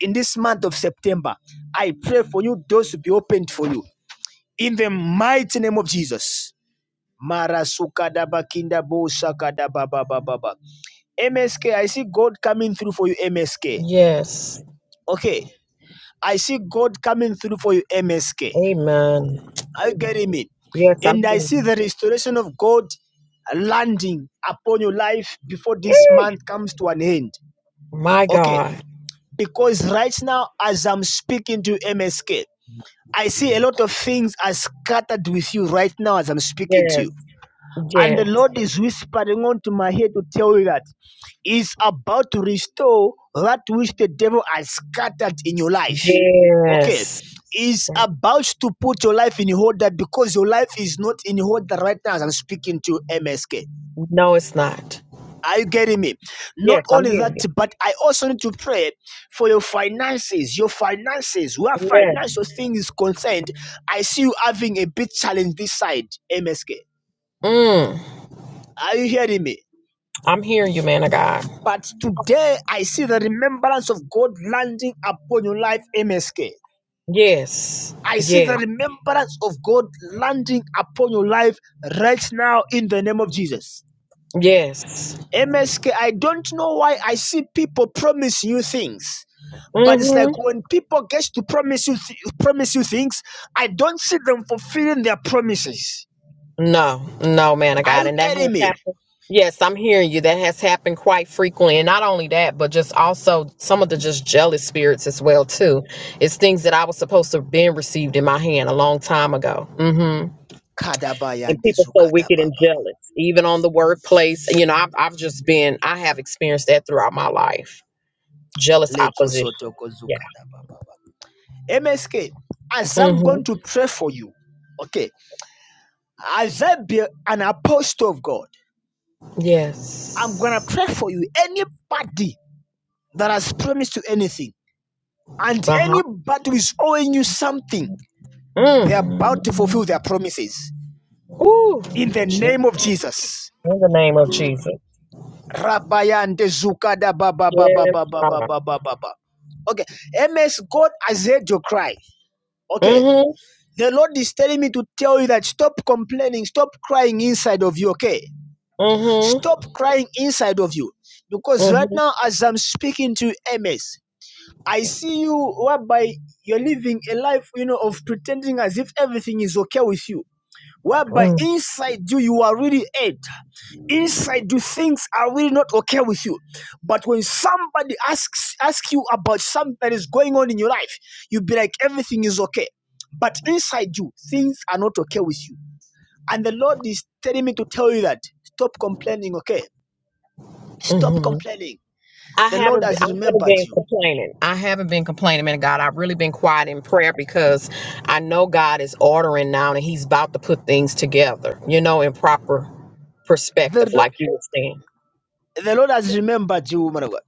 Speaker 1: In this month of September, I pray for you, doors to be opened for you. In the mighty name of Jesus. Marasukadaba kindabo sakadababababa. MSK, I see God coming through for you, MSK.
Speaker 6: Yes.
Speaker 1: Okay, I see God coming through for you, MSK.
Speaker 6: Amen.
Speaker 1: Are you
Speaker 6: Amen.
Speaker 1: getting me?
Speaker 6: Yes, I'm
Speaker 1: And
Speaker 6: here.
Speaker 1: I see the restoration of God landing upon your life before this
Speaker 6: Eh,
Speaker 1: month comes to an end.
Speaker 6: My
Speaker 1: Okay,
Speaker 6: God.
Speaker 1: because right now, as I'm speaking to MSK, I see a lot of things are scattered with you right now as I'm speaking to you
Speaker 6: Yes.
Speaker 1: and
Speaker 6: Yes.
Speaker 1: the Lord is whispering onto my head to tell you that He's about to restore that which the devil has scattered in your life. Okay,
Speaker 6: Yes.
Speaker 1: He's
Speaker 6: Yeah.
Speaker 1: about to put your life in order because your life is not in order right now as I'm speaking to MSK.
Speaker 6: No, it's not.
Speaker 1: Are you getting me? Not
Speaker 6: Yes, I'm
Speaker 1: only
Speaker 6: hearing
Speaker 1: that, but I also need to pray for your finances. Your finances, where
Speaker 6: you. Yes.
Speaker 1: financial things is concerned, I see you having a big challenge this side, MSK.
Speaker 6: Mm.
Speaker 1: Are you hearing me?
Speaker 6: I'm hearing you, man of God.
Speaker 1: But today I see the remembrance of God landing upon your life, MSK.
Speaker 6: Yes.
Speaker 1: I see the
Speaker 6: Yes.
Speaker 1: remembrance of God landing upon your life right now in the name of Jesus.
Speaker 6: Yes.
Speaker 1: MSK, I don't know why I see people promise you things. But it's
Speaker 6: Mm-hmm.
Speaker 1: like when people get to promise you th- promise you things, I don't see them fulfilling their promises.
Speaker 6: No, no, man of
Speaker 1: Are
Speaker 6: God.
Speaker 1: you
Speaker 6: And that has
Speaker 1: getting me?
Speaker 6: happened. Yes, I'm hearing you. That has happened quite frequently. And not only that, but just also some of the just jealous spirits as well, too. It's things that I was supposed to have been received in my hand a long time ago. hmm
Speaker 1: Kadaba
Speaker 6: And
Speaker 1: yande
Speaker 6: people so wicked and
Speaker 1: zukadababa.
Speaker 6: jealous, even on the workplace. You know, I've, I've just been, I have experienced that throughout my life. Jealous
Speaker 1: Leko
Speaker 6: opposition.
Speaker 1: sotoko
Speaker 6: Yeah.
Speaker 1: zukadababa. MSK, as I'm going
Speaker 6: Mm-hmm.
Speaker 1: to pray for you, okay, as I be an apostle of God, I'm going to
Speaker 6: Yes.
Speaker 1: pray for you. Anybody that has promised you anything and
Speaker 6: Uh-huh.
Speaker 1: anybody who is owing you something, they're
Speaker 6: Mm.
Speaker 1: about to fulfill their promises.
Speaker 6: Ooh.
Speaker 1: In the
Speaker 6: gee,
Speaker 1: name of Jesus.
Speaker 6: In the name of Jesus.
Speaker 1: Rabayande zukada ba ba ba ba
Speaker 6: Yes,
Speaker 1: ba ba ba
Speaker 6: God.
Speaker 1: ba ba ba ba. Okay, MS, God has heard your cry. Okay,
Speaker 6: Mhm,
Speaker 1: the Lord is telling me to tell you that stop complaining, stop crying inside of you. Okay,
Speaker 6: mhm,
Speaker 1: Stop crying inside of you. Because right
Speaker 6: mhm,
Speaker 1: now, as I'm speaking to MS, I see you whereby you're living a life, you know, of pretending as if everything is okay with you. Whereby
Speaker 6: mm,
Speaker 1: inside you, you are really hurt. Inside you, things are really not okay with you. But when somebody asks asks you about something that is going on in your life, you'll be like, everything is okay. But inside you, things are not okay with you. And the Lord is telling me to tell you that stop complaining, okay? Stop
Speaker 6: mhm.
Speaker 1: complaining.
Speaker 6: I
Speaker 1: The Lord
Speaker 6: haven't, been- I
Speaker 1: has
Speaker 6: haven't
Speaker 1: remembered
Speaker 6: been
Speaker 1: you.
Speaker 6: complaining. I haven't been complaining, man. of God, I've really been quiet in prayer because I know God is ordering now, and He's about to put things together, you know, in proper perspective,
Speaker 1: The,
Speaker 6: like you were saying.
Speaker 1: the Lord has remembered you, woman of God.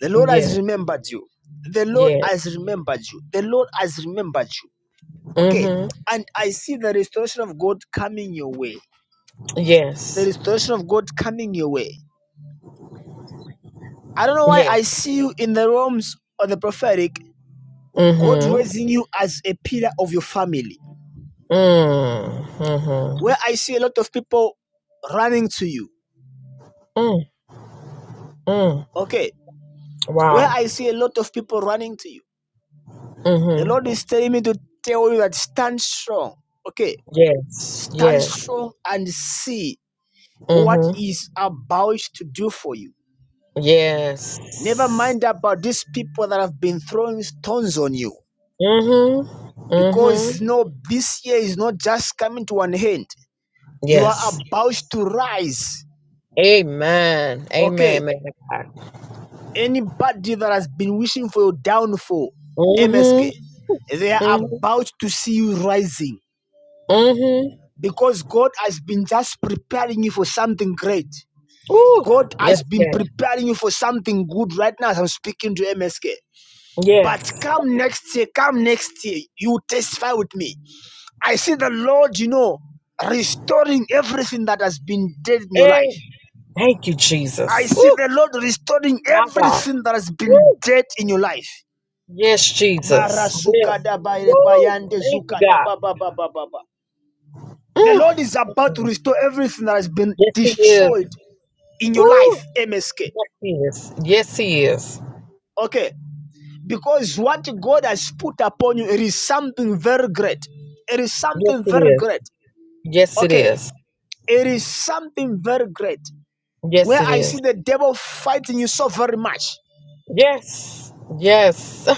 Speaker 1: The Lord
Speaker 6: Yeah,
Speaker 1: has remembered you. The Lord
Speaker 6: yeah.
Speaker 1: has remembered you. The Lord has remembered you. Okay.
Speaker 6: Mhm.
Speaker 1: And I see the restoration of God coming your way. The
Speaker 6: Yes.
Speaker 1: restoration of God coming your way. I don't know why
Speaker 6: Yeah.
Speaker 1: I see you in the realms of the prophetic, God
Speaker 6: Mhm.
Speaker 1: raising you as a pillar of your family.
Speaker 6: Mm. Mhm.
Speaker 1: Where I see a lot of people running to you.
Speaker 6: Mm. Mm.
Speaker 1: Okay. Where
Speaker 6: Wow.
Speaker 1: I see a lot of people running to you The
Speaker 6: Mhm.
Speaker 1: Lord is telling me to tell you that stand strong. Okay,
Speaker 6: Yes.
Speaker 1: stand
Speaker 6: Yeah.
Speaker 1: strong and see what
Speaker 6: Mhm.
Speaker 1: is about to do for you. Never
Speaker 6: Yes.
Speaker 1: mind about these people that have been throwing stones on you.
Speaker 6: Mm-hmm. Mm-hmm.
Speaker 1: Because no, this year is not just coming to an end. You are
Speaker 6: Yes.
Speaker 1: about to rise.
Speaker 6: Amen.
Speaker 1: Okay.
Speaker 6: Amen, man of God.
Speaker 1: Anybody that has been wishing for your downfall, MSK,
Speaker 6: Mm-hmm.
Speaker 1: they are
Speaker 6: Mm-hmm.
Speaker 1: about to see you rising
Speaker 6: Mm-hmm.
Speaker 1: because God has been just preparing you for something great.
Speaker 6: Ooh.
Speaker 1: God
Speaker 6: Yes,
Speaker 1: has been
Speaker 6: yes.
Speaker 1: preparing you for something good right now as I'm speaking to MSK. But
Speaker 6: Yes.
Speaker 1: come next year, come next year, you testify with me. I see the Lord, you know, restoring everything that has been dead in your life.
Speaker 6: Hey, thank you,
Speaker 1: I
Speaker 6: Jesus.
Speaker 1: see
Speaker 6: Woo.
Speaker 1: the Lord restoring
Speaker 6: My God.
Speaker 1: everything that has been
Speaker 6: Woo.
Speaker 1: dead in your life.
Speaker 6: Yes, Jesus. Yes. Woo. Thank you, God.
Speaker 1: The
Speaker 6: Mm.
Speaker 1: Lord is about to
Speaker 6: Mhm.
Speaker 1: restore everything that has been
Speaker 6: Yes, he is.
Speaker 1: destroyed in your
Speaker 6: Woo.
Speaker 1: life, MSK.
Speaker 6: Yes, he is. Yes, he is.
Speaker 1: Okay. Because what God has put upon you, it is something very great. It is
Speaker 6: Yes,
Speaker 1: something
Speaker 6: it
Speaker 1: very
Speaker 6: is.
Speaker 1: great.
Speaker 6: Yes, it
Speaker 1: Okay,
Speaker 6: is.
Speaker 1: it is something very great.
Speaker 6: Yes,
Speaker 1: Where
Speaker 6: it
Speaker 1: I see
Speaker 6: is.
Speaker 1: the devil fighting you so very much.
Speaker 6: Yes. Yes.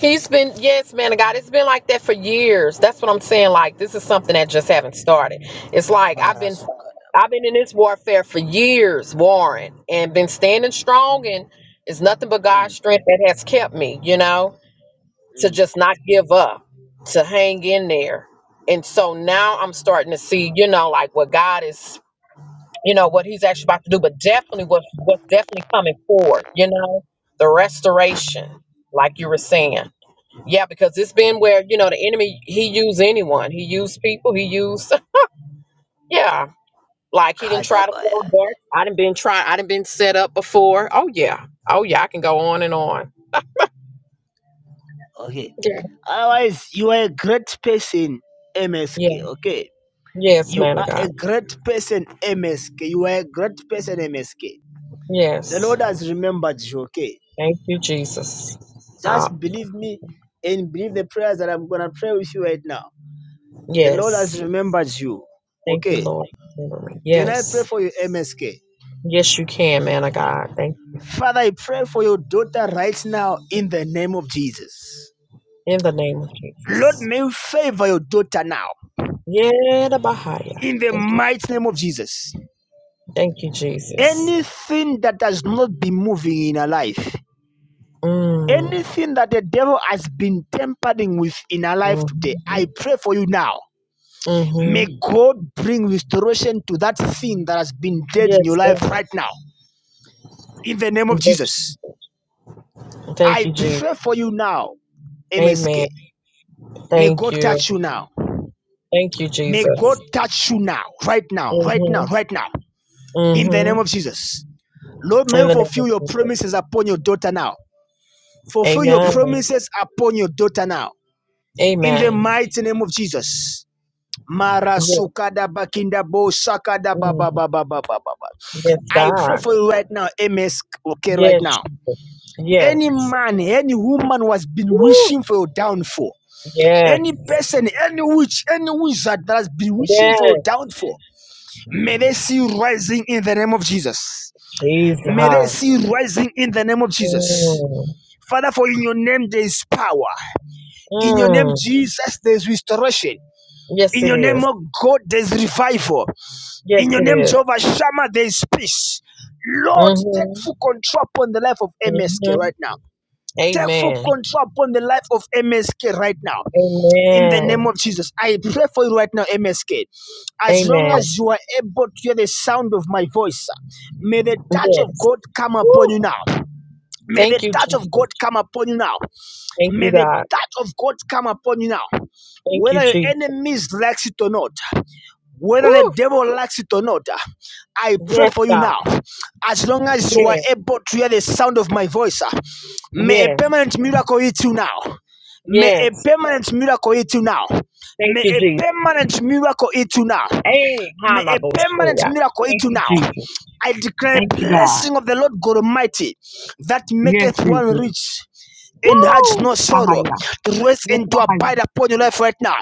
Speaker 6: He's been, yes, man of God. It's been like that for years. That's what I'm saying. Like this is something that just haven't started. It's like I've been,
Speaker 1: Marasukada.
Speaker 6: I've been in this warfare for years, Warren, and been standing strong. And it's nothing but God's
Speaker 1: Mm,
Speaker 6: strength that has kept me. You know, to
Speaker 1: mm.
Speaker 6: just not give up, to hang in there. And so now I'm starting to see, you know, like what God is, you know, what He's actually about to do. But definitely, what what's definitely coming forward, you know, the restoration, like you were saying. Yeah, because it's been where, you know, the enemy, he used anyone. He used people. He used, yeah. Like he didn't try to
Speaker 1: Kadabaya.
Speaker 6: throw darts. I didn't been trying. I didn't been set up before. Oh, yeah. Oh, yeah. I can go on and on.
Speaker 1: Okay.
Speaker 6: Yeah.
Speaker 1: Otherwise, you are a great person,
Speaker 6: Yeah.
Speaker 1: MSK. Okay.
Speaker 6: Yes,
Speaker 1: You
Speaker 6: man of
Speaker 1: are
Speaker 6: God.
Speaker 1: a great person, MSK. You are a great person, MSK. The
Speaker 6: Yes.
Speaker 1: Lord has remembered you, okay?
Speaker 6: Thank you, Jesus. Uh,
Speaker 1: Just believe me and believe the prayers that I'm going to pray with you right now. The Lord
Speaker 6: yes.
Speaker 1: has remembered you.
Speaker 6: Thank you,
Speaker 1: Okay.
Speaker 6: Lord. Remember me.
Speaker 1: Can I pray
Speaker 6: Yes.
Speaker 1: for you, MSK?
Speaker 6: Yes, you can, man of God. Thank
Speaker 1: Father, I pray for your daughter right now in the name of Jesus.
Speaker 6: In the name of
Speaker 1: Lord,
Speaker 6: Jesus.
Speaker 1: may you favor your daughter now
Speaker 6: Yeah, the Bahia.
Speaker 1: in the
Speaker 6: Thank you.
Speaker 1: mighty name of Jesus.
Speaker 6: Thank you, Jesus.
Speaker 1: Anything that has not been moving in her life,
Speaker 6: Mm.
Speaker 1: anything that the devil has been tampering with in her life today,
Speaker 6: Mhm.
Speaker 1: I pray for you now May
Speaker 6: Mm-hmm.
Speaker 1: God bring restoration to that thing that has been dead in your
Speaker 6: Yes,
Speaker 1: life
Speaker 6: God.
Speaker 1: right now. In the name of
Speaker 6: Yes.
Speaker 1: Jesus.
Speaker 6: Thank
Speaker 1: I
Speaker 6: you, Jesus.
Speaker 1: pray for you now,
Speaker 6: Amen.
Speaker 1: MSK. May
Speaker 6: Thank
Speaker 1: God
Speaker 6: you.
Speaker 1: touch you now.
Speaker 6: Thank you,
Speaker 1: May God
Speaker 6: Jesus.
Speaker 1: touch you now, right now, right now,
Speaker 6: Mm-hmm.
Speaker 1: right now. In the name of
Speaker 6: Mm-hmm.
Speaker 1: Jesus. Lord, may
Speaker 6: In
Speaker 1: you
Speaker 6: the name of
Speaker 1: fulfill your
Speaker 6: Jesus.
Speaker 1: promises upon your daughter now. Fulfill your
Speaker 6: Amen.
Speaker 1: promises upon your daughter now. In the
Speaker 6: Amen.
Speaker 1: mighty name of Jesus. Marasukada
Speaker 6: Yes.
Speaker 1: bakinda bo sakada ba ba
Speaker 6: Mhm.
Speaker 1: ba ba ba ba ba. ba.
Speaker 6: Yes,
Speaker 1: I pray
Speaker 6: God.
Speaker 1: for you right now, MS. Okay, right
Speaker 6: Yes,
Speaker 1: now.
Speaker 6: Jesus.
Speaker 1: Any
Speaker 6: Yes.
Speaker 1: man, any woman who has been
Speaker 6: Woo.
Speaker 1: wishing for your downfall,
Speaker 6: Yes.
Speaker 1: any person, any witch, any wizard that has been wishing for your
Speaker 6: Yes.
Speaker 1: downfall, may they see you rising in the name of Jesus. May they
Speaker 6: Jesus.
Speaker 1: see you rising in the name of Jesus.
Speaker 6: Mm.
Speaker 1: Father, for in your name there is power. In your name,
Speaker 6: Mm.
Speaker 1: Jesus, there is restoration.
Speaker 6: Yes,
Speaker 1: In
Speaker 6: it
Speaker 1: your name,
Speaker 6: is.
Speaker 1: oh God, there is revival.
Speaker 6: Yes,
Speaker 1: In your name,
Speaker 6: it is.
Speaker 1: Jehovah Shammah, there is peace. Lord, take
Speaker 6: Mm-hmm.
Speaker 1: full control upon the life of MSK
Speaker 6: Mm-hmm.
Speaker 1: right now. Take full
Speaker 6: Amen.
Speaker 1: control upon the life of MSK right now. In the name
Speaker 6: Amen.
Speaker 1: of Jesus, I pray for you right now, MSK. As long
Speaker 6: Amen.
Speaker 1: as you are able to hear the sound of my voice, may the touch of
Speaker 6: Yes.
Speaker 1: God come upon you
Speaker 6: Woo.
Speaker 1: now. May the
Speaker 6: Thank you,
Speaker 1: touch of God
Speaker 6: Jesus.
Speaker 1: come upon you now.
Speaker 6: Thank you,
Speaker 1: May the
Speaker 6: God.
Speaker 1: touch of God come upon you now
Speaker 6: Thank you,
Speaker 1: whether your
Speaker 6: Jesus.
Speaker 1: enemies likes it or not whether the
Speaker 6: Woo.
Speaker 1: devil likes it or not, uh, I pray
Speaker 6: Yes,
Speaker 1: for you
Speaker 6: God.
Speaker 1: now. As long as you are
Speaker 6: Yes,
Speaker 1: able to hear the sound of my voice, uh, may a
Speaker 6: yes,
Speaker 1: permanent miracle hit you now. May a
Speaker 6: yes.
Speaker 1: permanent miracle hit you now.
Speaker 6: Thank
Speaker 1: May
Speaker 6: you,
Speaker 1: a
Speaker 6: Jesus.
Speaker 1: permanent miracle hit you now.
Speaker 6: Hey,
Speaker 1: May a permanent
Speaker 6: hallelujah.
Speaker 1: miracle hit
Speaker 6: Thank
Speaker 1: you
Speaker 6: you,
Speaker 1: now.
Speaker 6: Jesus.
Speaker 1: I declare
Speaker 6: Thank you, God.
Speaker 1: blessing of the Lord God Almighty that
Speaker 6: Yes,
Speaker 1: maketh one
Speaker 6: Jesus.
Speaker 1: rich and has
Speaker 6: Woo.
Speaker 1: no sorrow
Speaker 6: Hallelujah.
Speaker 1: to rest
Speaker 6: Yes,
Speaker 1: and to
Speaker 6: hallelujah.
Speaker 1: abide upon your life right now.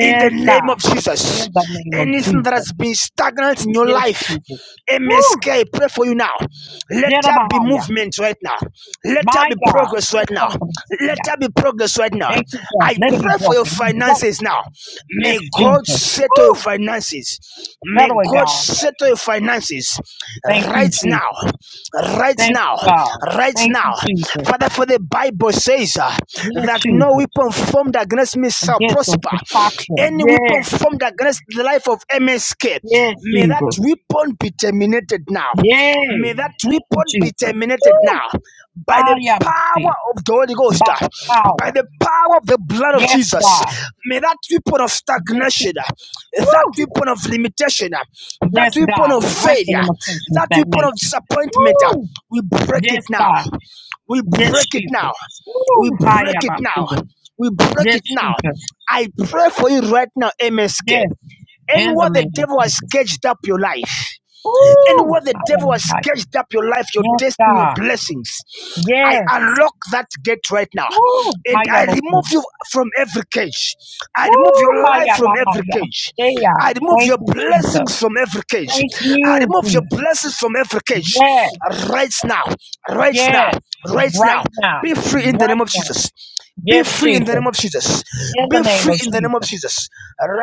Speaker 1: In the name
Speaker 6: God.
Speaker 1: of Jesus,
Speaker 6: In the name of
Speaker 1: anything that
Speaker 6: Jesus.
Speaker 1: has been stagnant in your
Speaker 6: Yes,
Speaker 1: life,
Speaker 6: Jesus. Woo.
Speaker 1: MSK, I pray for you now. Let there be
Speaker 6: Jeremiah.
Speaker 1: movement right now. Let there
Speaker 6: My
Speaker 1: be
Speaker 6: God.
Speaker 1: progress
Speaker 6: Thank
Speaker 1: right now.
Speaker 6: you,
Speaker 1: Let
Speaker 6: God.
Speaker 1: there be progress right now.
Speaker 6: Thank you, God.
Speaker 1: I
Speaker 6: Let it be
Speaker 1: pray for your
Speaker 6: broken. We broke.
Speaker 1: finances now.
Speaker 6: Yes,
Speaker 1: May God. God
Speaker 6: Jesus.
Speaker 1: settle your
Speaker 6: Woo.
Speaker 1: finances. May
Speaker 6: Settle it,
Speaker 1: God
Speaker 6: God.
Speaker 1: settle your finances
Speaker 6: Thank you,
Speaker 1: right now,
Speaker 6: Jesus.
Speaker 1: right
Speaker 6: Thank
Speaker 1: now,
Speaker 6: you, God.
Speaker 1: right
Speaker 6: Thank
Speaker 1: now.
Speaker 6: you, Jesus.
Speaker 1: Father, for the Bible says uh,
Speaker 6: Yes,
Speaker 1: that no
Speaker 6: Jesus.
Speaker 1: weapon formed against me shall
Speaker 6: Against us
Speaker 1: prosper.
Speaker 6: to prosper.
Speaker 1: Any weapon
Speaker 6: Yes,
Speaker 1: formed against the life of MSK,
Speaker 6: yes,
Speaker 1: may that
Speaker 6: Jesus.
Speaker 1: weapon be terminated now.
Speaker 6: Yay.
Speaker 1: May that
Speaker 6: Thank you,
Speaker 1: weapon be
Speaker 6: Jesus.
Speaker 1: terminated
Speaker 6: Woo.
Speaker 1: now by
Speaker 6: Ah,
Speaker 1: the
Speaker 6: yeah, see.
Speaker 1: power of the Holy Ghost,
Speaker 6: By
Speaker 1: uh,
Speaker 6: the
Speaker 1: by
Speaker 6: power.
Speaker 1: the power of the blood of
Speaker 6: Yes,
Speaker 1: Jesus.
Speaker 6: God.
Speaker 1: May that weapon of
Speaker 6: Yes,
Speaker 1: stagnation,
Speaker 6: Jesus.
Speaker 1: uh, that
Speaker 6: Woo.
Speaker 1: weapon of limitation, uh, that
Speaker 6: Yes,
Speaker 1: weapon
Speaker 6: God.
Speaker 1: of
Speaker 6: We break the
Speaker 1: failure,
Speaker 6: limitation of
Speaker 1: that weapon of
Speaker 6: stagnation.
Speaker 1: disappointment, uh,
Speaker 6: Woo.
Speaker 1: we break it
Speaker 6: Yes,
Speaker 1: now.
Speaker 6: God.
Speaker 1: We
Speaker 6: Yes,
Speaker 1: break it now.
Speaker 6: Jesus.
Speaker 1: We
Speaker 6: Woo. Hi,
Speaker 1: break it
Speaker 6: yeah, see.
Speaker 1: now. We break
Speaker 6: Yes,
Speaker 1: it now.
Speaker 6: Jesus.
Speaker 1: I pray for you right now, MSK.
Speaker 6: Yes. And the
Speaker 1: Anywhere the
Speaker 6: name of
Speaker 1: devil
Speaker 6: Jesus.
Speaker 1: has caged up your life.
Speaker 6: Woo!
Speaker 1: Anywhere the devil has
Speaker 6: Hallelujah.
Speaker 1: sketched up your life, your
Speaker 6: Yes,
Speaker 1: destiny, your
Speaker 6: God.
Speaker 1: blessings, I
Speaker 6: Yes.
Speaker 1: unlock that gate right now.
Speaker 6: Woo!
Speaker 1: And I remove
Speaker 6: Hayabuku.
Speaker 1: you from every cage. I remove
Speaker 6: Woo!
Speaker 1: your life from every
Speaker 6: Hayabahaya.
Speaker 1: cage.
Speaker 6: Yeah.
Speaker 1: I remove
Speaker 6: Thank
Speaker 1: your
Speaker 6: you, Jesus.
Speaker 1: blessings from every cage.
Speaker 6: Thank
Speaker 1: I
Speaker 6: you,
Speaker 1: remove your
Speaker 6: Jesus.
Speaker 1: blessings from every cage.
Speaker 6: Yes,
Speaker 1: Right now, right now,
Speaker 6: yes.
Speaker 1: right now.
Speaker 6: Right now.
Speaker 1: Be free in the
Speaker 6: Right
Speaker 1: name of
Speaker 6: now.
Speaker 1: Jesus. Be
Speaker 6: Yes,
Speaker 1: free in the
Speaker 6: Jesus.
Speaker 1: name of Jesus.
Speaker 6: In the
Speaker 1: Be
Speaker 6: name
Speaker 1: free
Speaker 6: of
Speaker 1: in the name of
Speaker 6: Jesus.
Speaker 1: Jesus.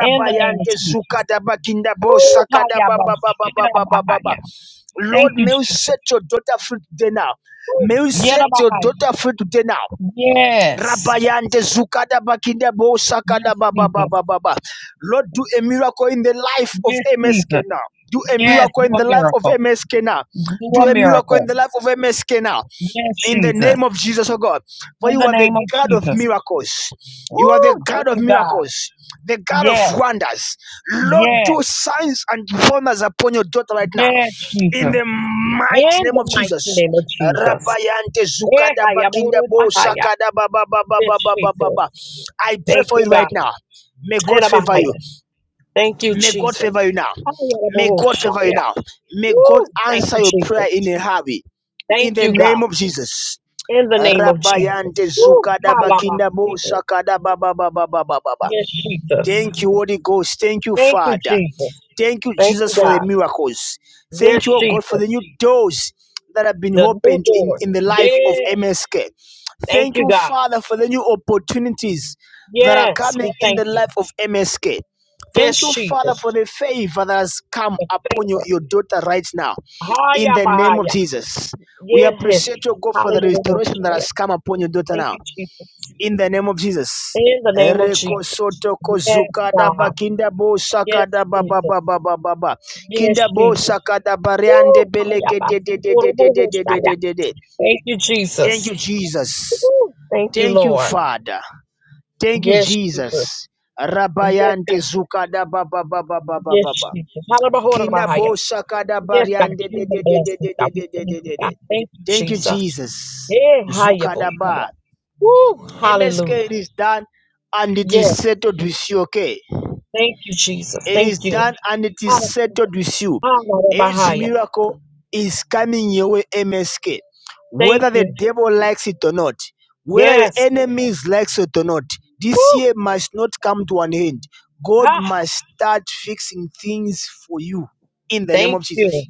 Speaker 6: In the name of Jesus.
Speaker 1: zukadaba kindabo
Speaker 6: Woo!
Speaker 1: sakadaba ba ba ba ba
Speaker 6: Hayabashirabahaya.
Speaker 1: Lord,
Speaker 6: Thank you,
Speaker 1: may you set
Speaker 6: Jesus.
Speaker 1: your daughter free today now. May
Speaker 6: Woo!
Speaker 1: you set your
Speaker 6: Yerabahaya.
Speaker 1: daughter free today now.
Speaker 6: Yes.
Speaker 1: Rabayante zukadaba kindabo
Speaker 6: Yes,
Speaker 1: sakadaba ba ba
Speaker 6: Jesus.
Speaker 1: ba Lord, do a miracle in the life of
Speaker 6: Yes,
Speaker 1: MSK
Speaker 6: Jesus.
Speaker 1: now. Do a
Speaker 6: Yes,
Speaker 1: miracle
Speaker 6: do
Speaker 1: in
Speaker 6: a
Speaker 1: the life of
Speaker 6: miracle.
Speaker 1: MSK now.
Speaker 6: Do
Speaker 1: Do
Speaker 6: a
Speaker 1: a miracle in
Speaker 6: miracle.
Speaker 1: the life of MSK now
Speaker 6: Yes,
Speaker 1: in the
Speaker 6: Jesus.
Speaker 1: name of Jesus, oh God. For
Speaker 6: In
Speaker 1: you
Speaker 6: the
Speaker 1: are the
Speaker 6: name of
Speaker 1: God of
Speaker 6: Jesus.
Speaker 1: miracles.
Speaker 6: Woo,
Speaker 1: You are the God
Speaker 6: thank
Speaker 1: of
Speaker 6: you, God.
Speaker 1: miracles, the God of
Speaker 6: Yes,
Speaker 1: wonders. Lord,
Speaker 6: yes,
Speaker 1: do signs and wonders upon your daughter right now.
Speaker 6: yes,
Speaker 1: In
Speaker 6: Jesus.
Speaker 1: the
Speaker 6: In
Speaker 1: mighty name
Speaker 6: the
Speaker 1: of
Speaker 6: mighty
Speaker 1: Jesus.
Speaker 6: name of Jesus.
Speaker 1: Rabayante
Speaker 6: Eh,
Speaker 1: zukada
Speaker 6: haya,
Speaker 1: bakinda
Speaker 6: moro,
Speaker 1: bo
Speaker 6: bahaya.
Speaker 1: sakada ba ba ba ba
Speaker 6: Yes,
Speaker 1: ba ba ba ba
Speaker 6: Jesus.
Speaker 1: ba. I pray
Speaker 6: Thank
Speaker 1: for
Speaker 6: you,
Speaker 1: you
Speaker 6: God.
Speaker 1: right now. May God
Speaker 6: Hera,
Speaker 1: favor you.
Speaker 6: bahaya. Thank you,
Speaker 1: May God
Speaker 6: Jesus.
Speaker 1: favor you now.
Speaker 6: Haya, da,
Speaker 1: May God favor you
Speaker 6: shaya.
Speaker 1: now. May God
Speaker 6: Woo, thank
Speaker 1: answer
Speaker 6: you,
Speaker 1: your
Speaker 6: Jesus.
Speaker 1: prayer in a hurry. In
Speaker 6: Thank
Speaker 1: the
Speaker 6: you,
Speaker 1: name
Speaker 6: God.
Speaker 1: of Jesus.
Speaker 6: In the name of Jesus.
Speaker 1: Rabayante
Speaker 6: Woo,
Speaker 1: zukada
Speaker 6: hala, bah,
Speaker 1: bakinda bo
Speaker 6: Jesus.
Speaker 1: sakada baba baba baba baba.
Speaker 6: Yes, Jesus.
Speaker 1: Thank you, Holy Ghost. Thank you,
Speaker 6: Thank you,
Speaker 1: Father.
Speaker 6: Jesus.
Speaker 1: Thank you,
Speaker 6: Thank you,
Speaker 1: Jesus, for the
Speaker 6: God.
Speaker 1: miracles.
Speaker 6: Yes,
Speaker 1: Thank you, oh God,
Speaker 6: Jesus.
Speaker 1: for the new doors that have been
Speaker 6: The new
Speaker 1: opened in,
Speaker 6: doors.
Speaker 1: in the life of
Speaker 6: Yeah.
Speaker 1: MSK.
Speaker 6: Thank
Speaker 1: Thank
Speaker 6: you,
Speaker 1: you,
Speaker 6: God.
Speaker 1: Father, for the new opportunities that are
Speaker 6: Yes,
Speaker 1: coming
Speaker 6: we
Speaker 1: in
Speaker 6: thank
Speaker 1: the
Speaker 6: you.
Speaker 1: life of MSK.
Speaker 6: Yes,
Speaker 1: Thank you,
Speaker 6: Jesus.
Speaker 1: Father, for the favor that has come
Speaker 6: The
Speaker 1: upon your,
Speaker 6: favor.
Speaker 1: your daughter right now. In
Speaker 6: Haya
Speaker 1: the name of
Speaker 6: bahaya.
Speaker 1: Jesus. We
Speaker 6: Yes.
Speaker 1: appreciate your God for the restoration that
Speaker 6: Hallelujah.
Speaker 1: has come upon your daughter
Speaker 6: Thank
Speaker 1: now
Speaker 6: you, Jesus.
Speaker 1: in the name of Jesus.
Speaker 6: In the name of
Speaker 1: Ereko
Speaker 6: Jesus.
Speaker 1: soto
Speaker 6: Yes,
Speaker 1: kozukada
Speaker 6: God.
Speaker 1: bakinda bo
Speaker 6: Yes,
Speaker 1: sakada ba ba
Speaker 6: Jesus.
Speaker 1: ba ba
Speaker 6: Yes,
Speaker 1: Kinda bo
Speaker 6: Jesus.
Speaker 1: sakada bariande
Speaker 6: Woo. Haya
Speaker 1: beleke de de de de de de de de
Speaker 6: bahaya.
Speaker 1: de de
Speaker 6: Thank you,
Speaker 1: Thank
Speaker 6: Jesus.
Speaker 1: you Jesus.
Speaker 6: Woo. Thank you,
Speaker 1: Thank you
Speaker 6: Lord.
Speaker 1: Father. Thank you
Speaker 6: Yes, Jesus.
Speaker 1: Jesus.
Speaker 6: Yes,
Speaker 1: Rabayante
Speaker 6: God.
Speaker 1: zukada ba ba ba ba
Speaker 6: Yes, Jesus.
Speaker 1: Kinda
Speaker 6: Hallelujah.
Speaker 1: bo sakada
Speaker 6: Yes, God,
Speaker 1: bariande
Speaker 6: kingdom
Speaker 1: de de de
Speaker 6: blessings,
Speaker 1: de de
Speaker 6: God. We
Speaker 1: de de
Speaker 6: thank
Speaker 1: de
Speaker 6: you,
Speaker 1: de de.
Speaker 6: God. Thank you,
Speaker 1: Thank you
Speaker 6: Jesus.
Speaker 1: Jesus.
Speaker 6: Hey, hiya, boy.
Speaker 1: Zukadaba
Speaker 6: Woo, hallelujah.
Speaker 1: MSK, it is done and it
Speaker 6: Yes,
Speaker 1: is settled with you, okay?
Speaker 6: thank you, Jesus.
Speaker 1: It is
Speaker 6: Thank you.
Speaker 1: done and it is
Speaker 6: Hallelujah.
Speaker 1: settled with you. A huge
Speaker 6: Hallelujah.
Speaker 1: miracle is coming your way, MSK.
Speaker 6: Thank
Speaker 1: Whether the
Speaker 6: you.
Speaker 1: devil likes it or not, whether your
Speaker 6: Yes.
Speaker 1: enemies likes it or not, this year
Speaker 6: Woo.
Speaker 1: must not come to an end. God
Speaker 6: Ah,
Speaker 1: must start fixing things for you in the name
Speaker 6: thank
Speaker 1: of Jesus.
Speaker 6: you.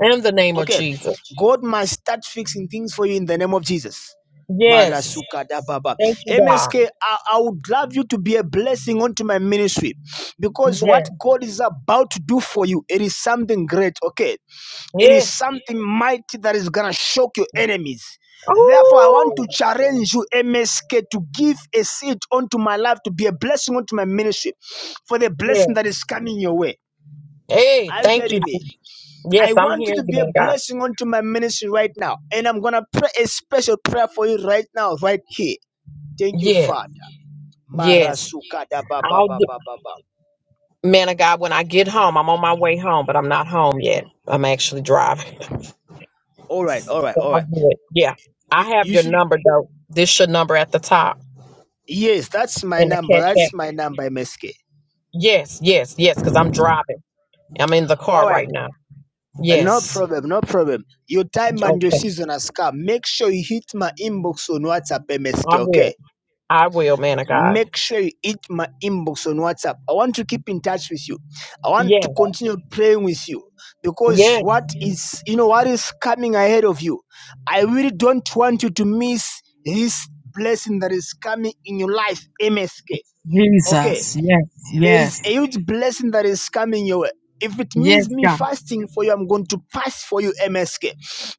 Speaker 6: In the name of
Speaker 1: Okay.
Speaker 6: Jesus.
Speaker 1: God must start fixing things for you in the name of Jesus.
Speaker 6: Yes.
Speaker 1: Marasuka da baba.
Speaker 6: Thank you, God.
Speaker 1: MSK, I, I would love you to be a blessing onto my ministry because what
Speaker 6: Yes.
Speaker 1: God is about to do for you, it is something great, okay? It is
Speaker 6: Yes.
Speaker 1: something mighty that is gonna shock your enemies. Therefore, I want
Speaker 6: Oh,
Speaker 1: to challenge you, MSK, to give a seed onto my life, to be a blessing onto my ministry for the
Speaker 6: yes.
Speaker 1: blessing that is coming your way.
Speaker 6: Hey,
Speaker 1: Are you
Speaker 6: thank you.
Speaker 1: getting me?
Speaker 6: Jesus. Yes,
Speaker 1: I
Speaker 6: I'm
Speaker 1: want
Speaker 6: here,
Speaker 1: you to
Speaker 6: you,
Speaker 1: be a
Speaker 6: man, God.
Speaker 1: blessing unto my ministry right now. And I'm going to pray a special prayer for you right now, right here. Thank you,
Speaker 6: Yes.
Speaker 1: Father.
Speaker 6: Yes.
Speaker 1: Marasuka ba ba
Speaker 6: I'll do.
Speaker 1: ba ba ba ba.
Speaker 6: Man of God, when I get home, I'm on my way home, but I'm not home yet. I'm actually driving.
Speaker 1: All right, all right,
Speaker 6: So
Speaker 1: all
Speaker 6: I'll
Speaker 1: right.
Speaker 6: do it. Yeah.
Speaker 1: You,
Speaker 6: I have
Speaker 1: you
Speaker 6: your
Speaker 1: should.
Speaker 6: number though. This your number at the top
Speaker 1: Yes, that's my
Speaker 6: in the
Speaker 1: number.
Speaker 6: cash app.
Speaker 1: That's my number, MSK.
Speaker 6: Yes, yes, yes, because I'm driving. I'm in the car
Speaker 1: All right,
Speaker 6: right now.
Speaker 1: no
Speaker 6: Yes.
Speaker 1: problem, no problem. Your time and your
Speaker 6: Okay.
Speaker 1: season has come. Make sure you hit my inbox on WhatsApp, MSK,
Speaker 6: I
Speaker 1: okay?
Speaker 6: will. I will, man of God.
Speaker 1: make sure you hit my inbox on WhatsApp. I want to keep in touch with you. I want to
Speaker 6: Yes.
Speaker 1: continue praying with you because
Speaker 6: Yes.
Speaker 1: what is, you know, what is coming ahead of you. I really don't want you to miss this blessing that is coming in your life, MSK. Okay
Speaker 6: Jesus. Yes.
Speaker 1: there is
Speaker 6: Yes.
Speaker 1: a huge blessing that is coming your way. If it
Speaker 6: Yes,
Speaker 1: means me
Speaker 6: God.
Speaker 1: fasting for you, I'm going to fast for you, MSK.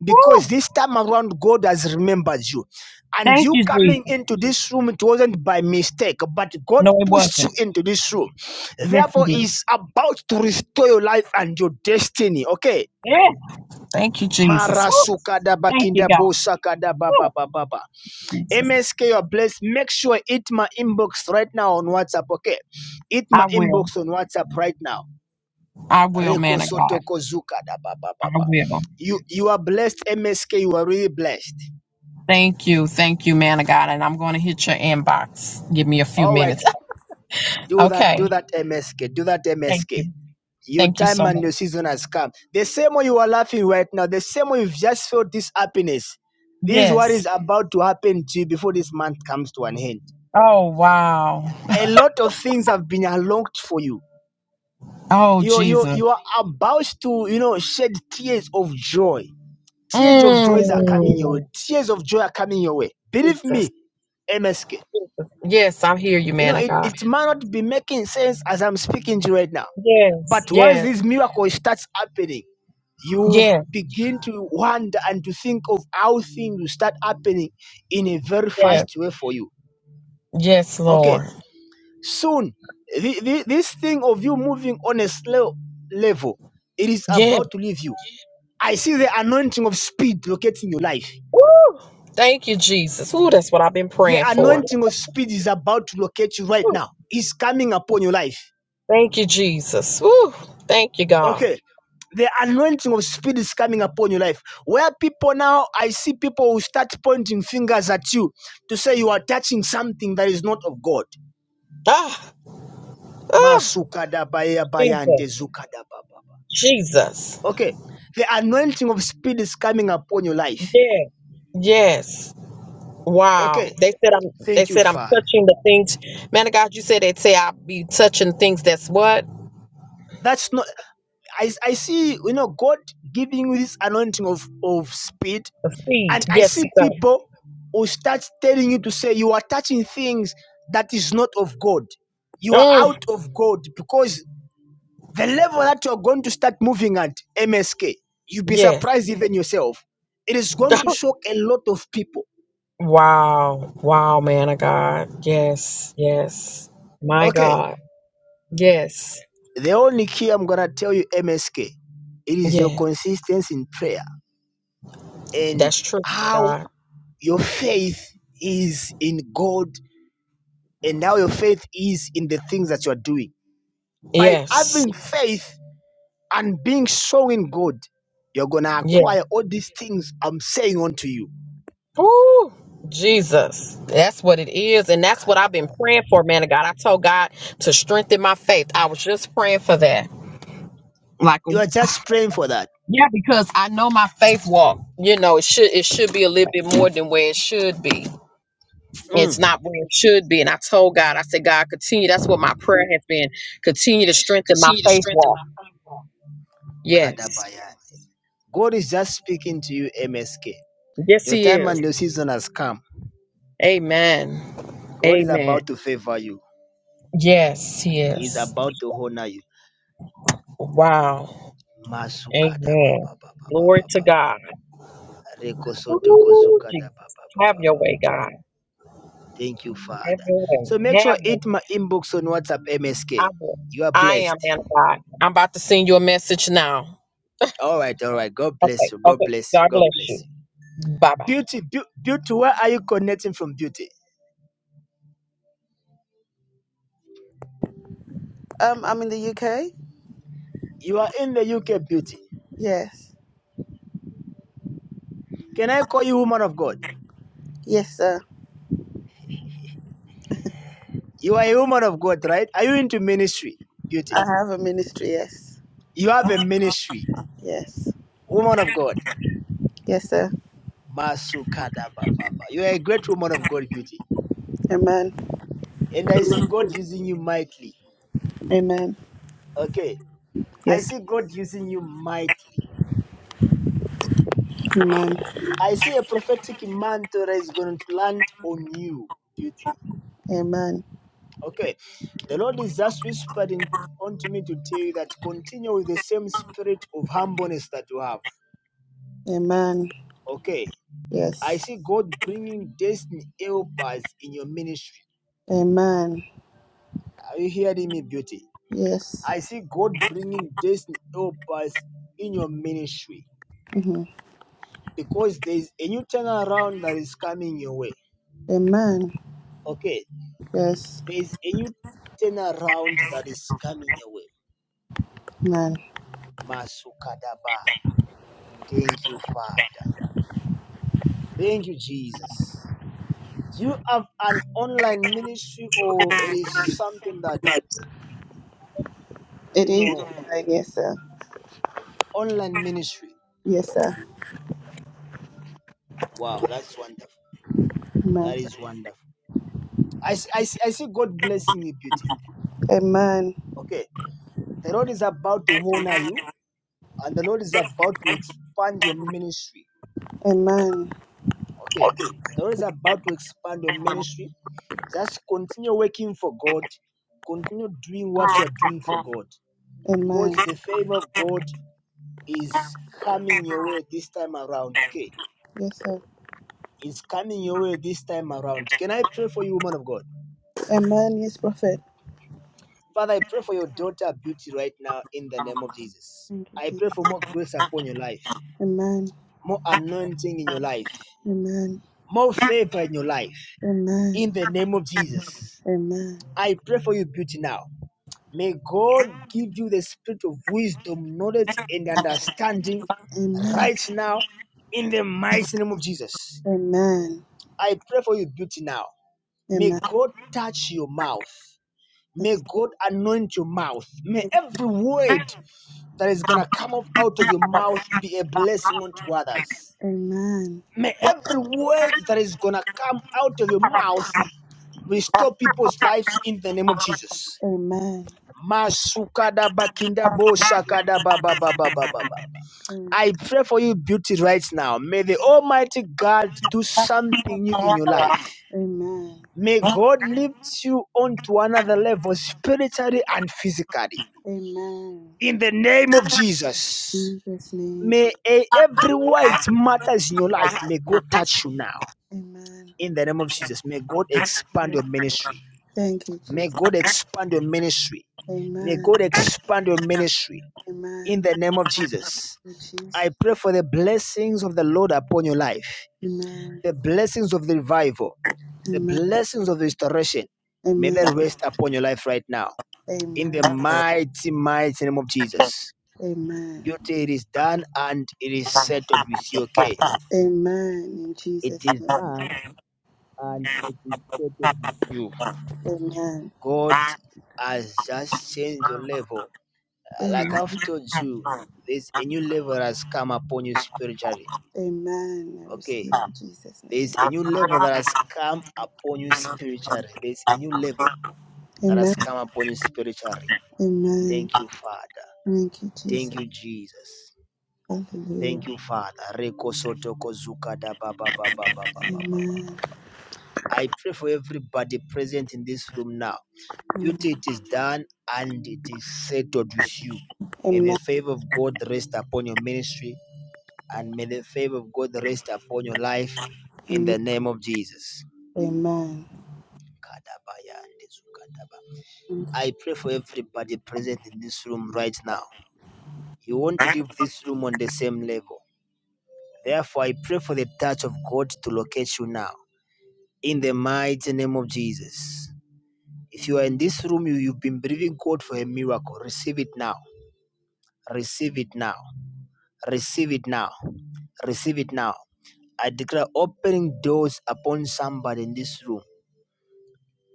Speaker 1: Because
Speaker 6: Woo!
Speaker 1: this time around, God has remembered you. And
Speaker 6: Thank
Speaker 1: you
Speaker 6: you, Jesus.
Speaker 1: coming into this room, it wasn't by mistake, but God
Speaker 6: No, it
Speaker 1: pushed you
Speaker 6: wasn't.
Speaker 1: into this room.
Speaker 6: Yes, it
Speaker 1: Therefore,
Speaker 6: did.
Speaker 1: He's about to restore your life and your destiny. Okay?
Speaker 6: Yeah. Thank you, Jesus.
Speaker 1: Mara
Speaker 6: Woo!
Speaker 1: sukada
Speaker 6: Thank you,
Speaker 1: bakinda
Speaker 6: God.
Speaker 1: bo sakada ba
Speaker 6: Woo!
Speaker 1: ba ba ba ba.
Speaker 6: Jesus.
Speaker 1: MSK, you're blessed. Make sure hit my inbox right now on WhatsApp, okay? Hit my
Speaker 6: I will.
Speaker 1: inbox on WhatsApp right now.
Speaker 6: I will,
Speaker 1: Reko
Speaker 6: man of God.
Speaker 1: Sotoko Zuka. da ba ba
Speaker 6: I
Speaker 1: ba ba.
Speaker 6: will.
Speaker 1: You you are blessed, MSK. You are really blessed.
Speaker 6: Thank you. Thank you, man of God. And I'm going to hit your inbox. Give me a few
Speaker 1: All right,
Speaker 6: minutes.
Speaker 1: do that, do
Speaker 6: Okay.
Speaker 1: that, MSK. Do that,
Speaker 6: Thank
Speaker 1: MSK.
Speaker 6: you.
Speaker 1: Your
Speaker 6: Thank you
Speaker 1: time
Speaker 6: so
Speaker 1: and
Speaker 6: much.
Speaker 1: your season has come. The same way you are laughing right now, the same way you've just felt this happiness. This is what
Speaker 6: Yes.
Speaker 1: is about to happen to you before this month comes to an end.
Speaker 6: Oh, wow.
Speaker 1: A lot of things have been unlocked for you
Speaker 6: Oh,
Speaker 1: you you
Speaker 6: Jesus.
Speaker 1: you are about to you know shed tears of joy tears of joys are coming your way
Speaker 6: Mm.
Speaker 1: tears of joy are coming your way believe
Speaker 6: Jesus.
Speaker 1: me msk
Speaker 6: Jesus. Yes, I hear you,
Speaker 1: you know
Speaker 6: man of
Speaker 1: it,
Speaker 6: God.
Speaker 1: it might not be making sense as i'm speaking to you right now
Speaker 6: Yes.
Speaker 1: but once
Speaker 6: Yes.
Speaker 1: this miracle starts happening you
Speaker 6: Yes.
Speaker 1: begin to wonder and to think of how things will start happening in a very
Speaker 6: Yes.
Speaker 1: fast way for you
Speaker 6: Yes,
Speaker 1: okay
Speaker 6: Lord.
Speaker 1: soon the, the, this thing of you moving on a slow level it is
Speaker 6: Yes.
Speaker 1: about to leave you I see the anointing of speed locating your life.
Speaker 6: Woo. Thank you, Jesus. Ooh, that's what I've been
Speaker 1: The
Speaker 6: praying for.
Speaker 1: anointing of speed is about to locate you right
Speaker 6: Woo.
Speaker 1: now. It's coming upon your life.
Speaker 6: Thank you, Jesus. Woo. Thank you, God.
Speaker 1: Okay. The anointing of speed is coming upon your life. Where people now, I see people who start pointing fingers at you to say you are touching something that is not of God.
Speaker 6: Ah. Oh,
Speaker 1: Masukadabaya bayande
Speaker 6: Jesus,
Speaker 1: zukadababa.
Speaker 6: Jesus.
Speaker 1: Okay. The anointing of speed is coming upon your life.
Speaker 6: Yeah. Yes.
Speaker 1: Okay.
Speaker 6: Wow. They said I'm they
Speaker 1: Thank you,
Speaker 6: said I'm
Speaker 1: Father.
Speaker 6: touching the things. Man of God, you said they'd say I'll be touching things that's what?
Speaker 1: That's not I I see, you know, God giving you this anointing of, of speed.
Speaker 6: The seed.
Speaker 1: And I
Speaker 6: Yes,
Speaker 1: see
Speaker 6: sir.
Speaker 1: people who start telling you to say you are touching things that is not of God. You are
Speaker 6: Mm,
Speaker 1: out of God because the level that you're going to start moving at MSK, you'll be
Speaker 6: yes.
Speaker 1: surprised even yourself. It is going to shock a lot of people.
Speaker 6: Wow. Wow, man of God. Yes. Yes. My
Speaker 1: Okay,
Speaker 6: God. Yes.
Speaker 1: the only key I'm going to tell you, MSK, it is your
Speaker 6: Yes.
Speaker 1: consistency in prayer and
Speaker 6: That's true, man of
Speaker 1: how
Speaker 6: God.
Speaker 1: your faith is in God and now your faith is in the things that you are doing. By
Speaker 6: Yes.
Speaker 1: having faith and being strong in God, you're gonna
Speaker 6: Yes.
Speaker 1: acquire all these things I'm saying unto you.
Speaker 6: Ooh, Jesus. That's what it is. And that's what I've been praying for, man of God. I told God to strengthen my faith. I was just praying for that. Like
Speaker 1: You are just praying for that.
Speaker 6: yeah, because I know my faith walk, you know, it should it should be a little bit more than where it should be. It's
Speaker 1: Mm.
Speaker 6: not where it should be. And I told God, I said, God, continue. That's what my prayer has been. Continue to
Speaker 9: and
Speaker 6: strengthen my
Speaker 9: continue to
Speaker 6: faith
Speaker 9: strengthen
Speaker 6: walk.
Speaker 9: my faith walk.
Speaker 6: Yes.
Speaker 9: Yes.
Speaker 1: God is just speaking to you, MSK.
Speaker 6: Yes,
Speaker 1: Your
Speaker 6: he
Speaker 1: time
Speaker 6: is.
Speaker 1: and your season has come.
Speaker 6: Amen.
Speaker 1: God is
Speaker 6: Amen.
Speaker 1: about to favor you.
Speaker 6: Yes, he
Speaker 1: He is
Speaker 6: is.
Speaker 1: about to honor you.
Speaker 6: Wow. Amen. Glory to
Speaker 1: Masukadabababababa.
Speaker 6: God. Ooh, Jesus. Have your
Speaker 1: Rekosotokozukadababababa.
Speaker 6: way, God.
Speaker 1: Thank you, Father.
Speaker 6: Have your way.
Speaker 1: So make sure
Speaker 6: Have your
Speaker 1: hit my inbox on WhatsApp
Speaker 6: way. I
Speaker 1: MSK.
Speaker 6: will.
Speaker 1: You are
Speaker 6: I am
Speaker 1: blessed.
Speaker 6: man of God. I'm about to send you a message now.
Speaker 1: All right, all right. God
Speaker 6: Okay.
Speaker 1: bless you. God
Speaker 6: Okay.
Speaker 1: bless you.
Speaker 6: God
Speaker 1: God
Speaker 6: bless
Speaker 1: bless
Speaker 6: you.
Speaker 1: you.
Speaker 6: Bye bye.
Speaker 1: Beauty, beau- beauty. Where are you connecting from, beauty?
Speaker 10: Um, I'm in the UK.
Speaker 1: You are in the UK, beauty.
Speaker 10: Yes.
Speaker 1: Can I call you woman of God?
Speaker 10: Yes, sir.
Speaker 1: You are a woman of God, right? Are you into ministry,
Speaker 10: I
Speaker 1: beauty?
Speaker 10: have a ministry. Yes.
Speaker 1: You have a ministry,
Speaker 10: Yes.
Speaker 1: woman of God.
Speaker 10: Yes, sir.
Speaker 1: Masukada bababa. You are a great woman of God, beauty.
Speaker 10: Amen.
Speaker 1: And I see God using you mightily.
Speaker 10: Amen.
Speaker 1: Okay. I
Speaker 10: Yes.
Speaker 1: see God using you mightily.
Speaker 10: Amen.
Speaker 1: I see a prophetic mantle that is going to land on you, beauty.
Speaker 10: Amen.
Speaker 1: Okay, the Lord is just whispering unto me to tell you that continue with the same spirit of humbleness that you have.
Speaker 10: Amen.
Speaker 1: Okay, I
Speaker 10: Yes.
Speaker 1: see God bringing destiny helpers in your ministry.
Speaker 10: Amen.
Speaker 1: Are you hearing me, beauty?
Speaker 10: Yes.
Speaker 1: I see God bringing destiny helpers in your ministry
Speaker 10: hmm
Speaker 1: because there is a new turnaround that is coming your way.
Speaker 10: Amen.
Speaker 1: Okay,
Speaker 10: Yes.
Speaker 1: there is a new turnaround that is coming your way
Speaker 10: Amen.
Speaker 1: Masukadaba. Thank you, Father. Thank you, Jesus. Do you have an online ministry or it is something that,
Speaker 10: It
Speaker 1: you
Speaker 10: is.
Speaker 1: know,
Speaker 10: Amen. Yes, sir.
Speaker 1: online ministry?
Speaker 10: Yes, sir.
Speaker 1: Wow, that's wonderful. That
Speaker 10: Amen.
Speaker 1: is wonderful. I, I, I see God blessing you, beauty.
Speaker 10: Amen.
Speaker 1: Okay. The Lord is about to honor you and the Lord is about to expand your ministry.
Speaker 10: Amen.
Speaker 1: Okay. The Lord is about to expand your ministry. Just continue working for God. Continue doing what you are doing for God.
Speaker 10: Amen.
Speaker 1: because the favor of God is coming your way this time around. Okay,
Speaker 10: Yes, sir.
Speaker 1: it's coming your way this time around. Can I pray for you, woman of God?
Speaker 10: Amen. Yes, prophet.
Speaker 1: Father, I pray for your daughter Beauty right now in the name of Jesus.
Speaker 10: Thank you,
Speaker 1: I pray
Speaker 10: Jesus.
Speaker 1: for more grace upon your life,
Speaker 10: Amen.
Speaker 1: more anointing in your life,
Speaker 10: Amen.
Speaker 1: more favor in your life
Speaker 10: Amen.
Speaker 1: in the name of Jesus.
Speaker 10: Amen.
Speaker 1: I pray for you, Beauty, now. May God give you the spirit of wisdom, knowledge, and understanding
Speaker 10: Amen. Amen.
Speaker 1: right now in the mighty name of Jesus.
Speaker 10: Amen.
Speaker 1: I pray for you, beauty, now. May God touch your mouth. May
Speaker 10: Yes.
Speaker 1: God anoint your mouth. May every word that is going to come up out of your mouth be a blessing unto others.
Speaker 10: Amen.
Speaker 1: May every word that is going to come out of your mouth restore people's lives in the name of Jesus.
Speaker 10: Amen. Amen.
Speaker 1: I pray for you, beauty, right now. May the Almighty God do something new in your life.
Speaker 10: Amen.
Speaker 1: May God lift you on to another level, spiritually and physically.
Speaker 10: Amen.
Speaker 1: In the name of Jesus.
Speaker 10: Jesus' name.
Speaker 1: May e- every white matters in your life. May God touch you now.
Speaker 10: Amen.
Speaker 1: In the name of Jesus. May God
Speaker 10: Thank you,
Speaker 1: expand your
Speaker 10: Lord.
Speaker 1: ministry.
Speaker 10: Thank you,
Speaker 1: May
Speaker 10: Jesus.
Speaker 1: God expand your ministry. May
Speaker 10: Amen.
Speaker 1: God expand your ministry. In
Speaker 10: Amen.
Speaker 1: the name of Jesus.
Speaker 10: Thank you, Jesus.
Speaker 1: I pray for the blessings of the Lord upon your life,
Speaker 10: Amen.
Speaker 1: the blessings of the revival, the
Speaker 10: Amen.
Speaker 1: blessings of the restoration. May
Speaker 10: Amen.
Speaker 1: they rest upon your life right now. in
Speaker 10: Amen.
Speaker 1: the mighty, mighty name of Jesus.
Speaker 10: Amen.
Speaker 1: Beauty, it is done and it is settled with you, okay?
Speaker 10: Amen. In
Speaker 1: It
Speaker 10: Jesus'
Speaker 1: is done
Speaker 10: name.
Speaker 1: and
Speaker 10: Amen.
Speaker 1: it is settled with you. God has just changed your
Speaker 10: Amen.
Speaker 1: level. Uh, Like I've told you, there's a new level that has come upon you spiritually,
Speaker 10: Amen. I
Speaker 1: okay?
Speaker 10: receive in Jesus' name.
Speaker 1: There's a new level that has come upon you spiritually. There's a new level that
Speaker 10: Amen.
Speaker 1: has come upon you spiritually.
Speaker 10: Amen.
Speaker 1: Thank you, Father.
Speaker 10: Thank you,
Speaker 1: Thank
Speaker 10: Jesus.
Speaker 1: you, Jesus.
Speaker 10: Hallelujah.
Speaker 1: Thank you, Father. Reko soto ko zuka da ba ba ba ba ba ba ba ba ba ba.
Speaker 10: Amen.
Speaker 1: I pray for everybody present in this room now.
Speaker 10: Amen.
Speaker 1: Duty it is done and it is settled with you. May the
Speaker 10: Amen.
Speaker 1: favor of God rest upon your ministry and may the favor of God rest upon your life in the name of Jesus.
Speaker 10: Amen.
Speaker 1: Kadabaya and Zukadaba.
Speaker 10: Amen.
Speaker 1: I pray for everybody present in this room right now. You want to leave this room on the same level. Therefore, I pray for the touch of God to locate you now. in the mighty name of Jesus. If you are in this room, you, you've been believing God for a miracle. Receive it now. Receive it now. Receive it now. Receive it now. I declare opening doors upon somebody in this room.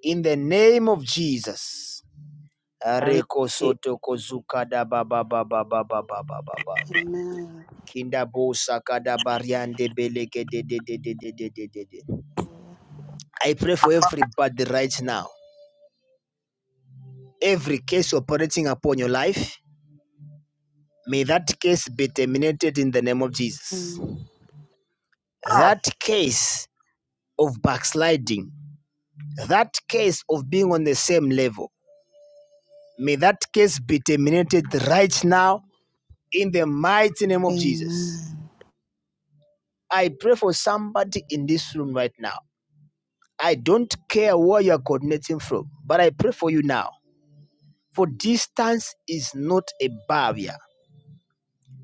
Speaker 1: In the name of Jesus.
Speaker 7: I
Speaker 1: Reko
Speaker 7: receive.
Speaker 1: soto kozuka da ba ba ba ba ba ba ba ba ba ba.
Speaker 10: Amen.
Speaker 1: Kinda bo saka da bariande beleke de de de de de de de de de. I pray for everybody right now. Every case operating upon your life May that case be terminated in the name of Jesus. That case of backsliding, that case of being on the same level, may that case be terminated right now in the mighty name
Speaker 10: Amen.
Speaker 1: of Jesus.
Speaker 10: Amen.
Speaker 1: I pray for somebody in this room right now. I don't care where you're coordinating from, but I pray for you now. For distance is not a barrier.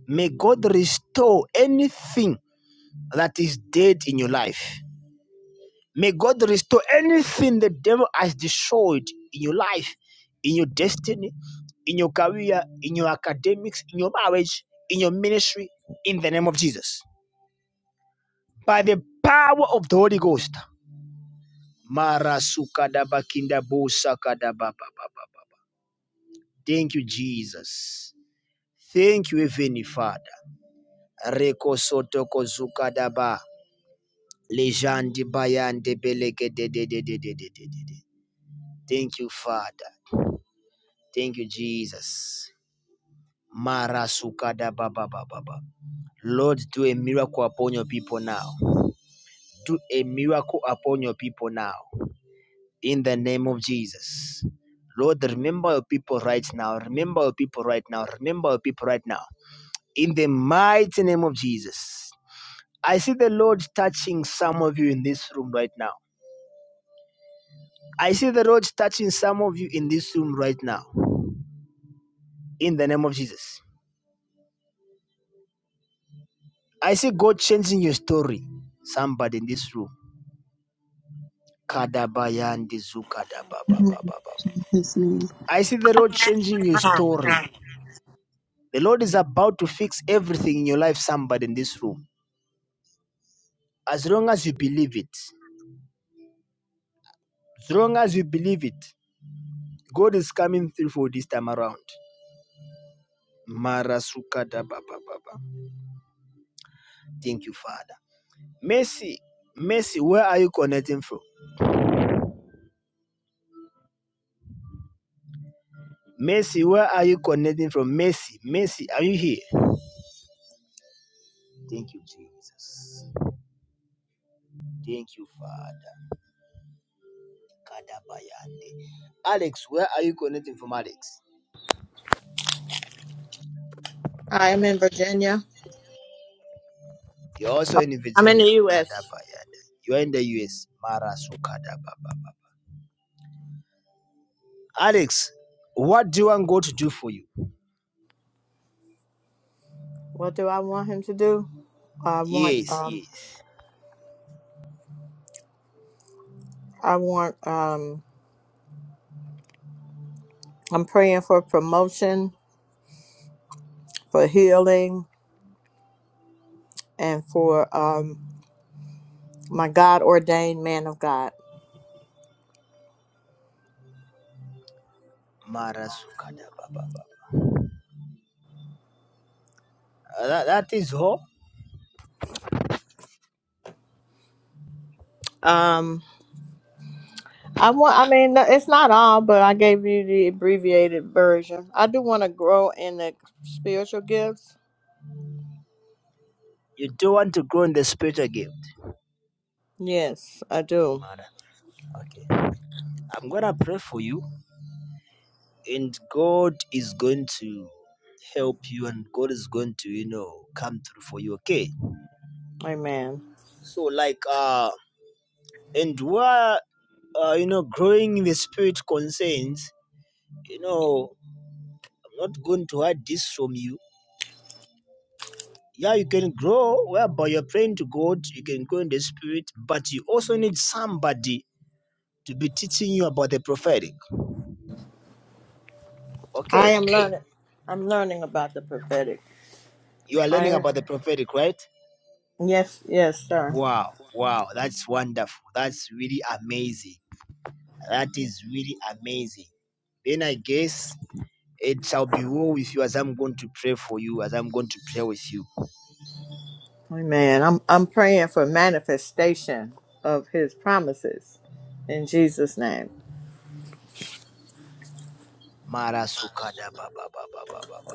Speaker 1: May God restore anything that is dead in your life. May God restore anything the devil has destroyed in your life, in your destiny, in your career, in your academics, in your marriage, in your ministry, in the name of Jesus. By the power of the Holy Ghost. Mara sukadaba kindabo sakadaba ba ba ba ba. Thank you, Jesus. Thank you, Heavenly Father. Reko soto kozukadaba. Lejandi bayande beleke de de de de de de de de. de. Thank you, Father. Thank you, Jesus. Marasukada baba baba baba. Lord, do a miracle upon your people now. Do a miracle upon your people now. In the name of Jesus. Lord, remember your people right now. Remember your people right now. Remember your people right now. In the mighty name of Jesus. I see the Lord touching some of you in this room right now. I see the Lord touching some of you in this room right now. In the name of Jesus. I see God changing your story. Somebody in this room.
Speaker 10: In Jesus'
Speaker 1: I see the Lord changing your story.
Speaker 10: name.
Speaker 1: The Lord is about to fix everything in your life, somebody in this room. As long as you believe it, as long as you believe it, God is coming through for this time around. Thank you, Father. Mercy, mercy, where are you connecting from? Mercy, where are you connecting from? Mercy, mercy, are you here? Thank you, Jesus. Thank you, Father. Kadabayande. Alex, where are you connecting from, Alex?
Speaker 7: I'm in Virginia.
Speaker 1: You're also
Speaker 7: I'm
Speaker 1: in
Speaker 7: I'm in the
Speaker 1: Virginia.
Speaker 7: U.S.
Speaker 1: Kadabayande. You're in the US. Marasu Kadababa. Alex, what do you want God to do for you?
Speaker 7: What do I want him to do? I want
Speaker 1: Yes,
Speaker 7: um
Speaker 1: yes.
Speaker 7: I want um I'm praying for promotion, for healing, and for um my God ordained man of God.
Speaker 1: Marasu Kadababa. Uh, That, that is all.
Speaker 7: Um I want I mean no, it's not all, but I gave you the abbreviated version. I do want to grow in the spiritual gifts.
Speaker 1: You do not want to grow in the spirit again.
Speaker 7: Yes, I do.
Speaker 1: Mara. Okay. I'm going to pray for you, and God is going to help you, and God is going to, you know, come through for you, okay?
Speaker 7: Amen.
Speaker 1: So, like, uh, and where uh, you know, growing in the spirit concerns, you know, I'm not going to hide this from you. Yeah, you can grow whereby you're praying to God, you can grow in the spirit, but you also need somebody to be teaching you about the prophetic.
Speaker 7: I
Speaker 1: Okay,
Speaker 7: am learning I'm learning about the prophetic.
Speaker 1: you are learning
Speaker 7: I
Speaker 1: about the prophetic, right?
Speaker 7: yes, yes, sir.
Speaker 1: Wow, wow, that's wonderful. That's really amazing. That is really amazing. Then I guess it shall be well with you as I'm going to pray for you, as I'm going to pray with you.
Speaker 7: Amen. I'm I'm praying for manifestation of his promises in Jesus' name.
Speaker 1: Mara sukada ba ba ba ba ba ba ba.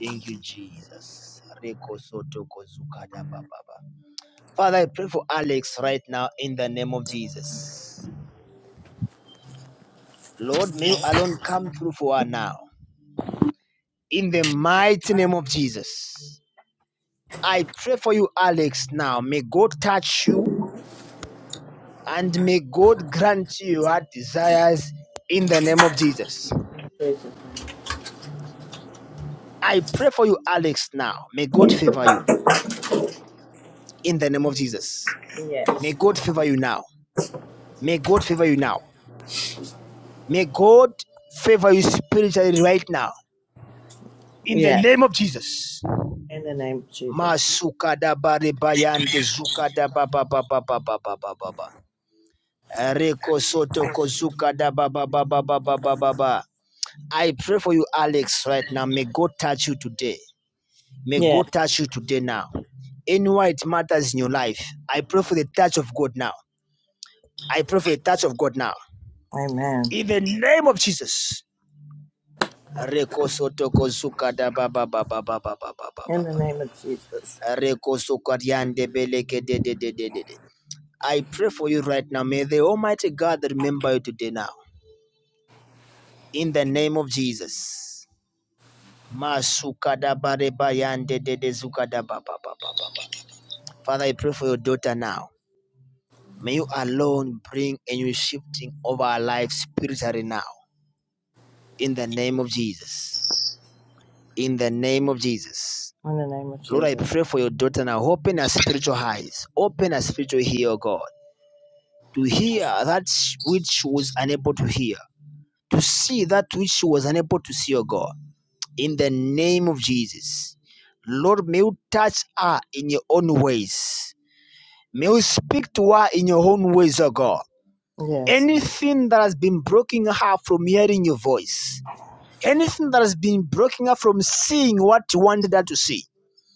Speaker 1: Thank you, Jesus. Reko soto ko zukada ba ba ba. Father, I pray for Alex right now in the name of Jesus. Lord, may you alone come through for her now. In the mighty name of Jesus. I pray for you, Alex, now. May God touch you and may God grant you your desires in the name of Jesus.
Speaker 7: Jesus. name.
Speaker 1: I pray for you, Alex, now. May God favor you in the name of Jesus. May
Speaker 7: Yes.
Speaker 1: God favor you now. May God favor you now. May God favor you spiritually right now. In the
Speaker 7: Yes.
Speaker 1: name of Jesus.
Speaker 7: In the name of Jesus.
Speaker 1: Masuka da bare bayande zuka da ba ba Reko soto kozuka da ba ba ba I pray for you, Alex, right now. May God touch you today. May
Speaker 7: Yes.
Speaker 1: God touch you today now. Anywhere it matters in your life, I pray for the touch of God now. I pray for the touch of God now.
Speaker 7: Amen.
Speaker 1: In the name of Jesus. Reko soto kozuka da ba ba ba ba
Speaker 7: In the name of Jesus.
Speaker 1: Reko sokariande beleke de de de de de. de. I pray for you right now. May the Almighty God remember you today now. In the name of Jesus. Masukadabarebayande de de zukadabababababa. Father, I pray for your daughter now. May you alone bring a new shifting of our life spiritually now. In the name of Jesus. In the name of Jesus.
Speaker 7: In the name of
Speaker 1: Lord, I
Speaker 7: Jesus.
Speaker 1: pray for your daughter now. Open her spiritual eyes. Open her spiritual ear, oh God. to hear that which she was unable to hear, to see that which she was unable to see, oh God, in the name of Jesus. Lord, may you touch her in your own ways. May you speak to her in your own ways, oh God.
Speaker 7: Yes.
Speaker 1: Anything that has been blocking her from hearing your voice, anything that has been blocking her from seeing what you wanted her to see,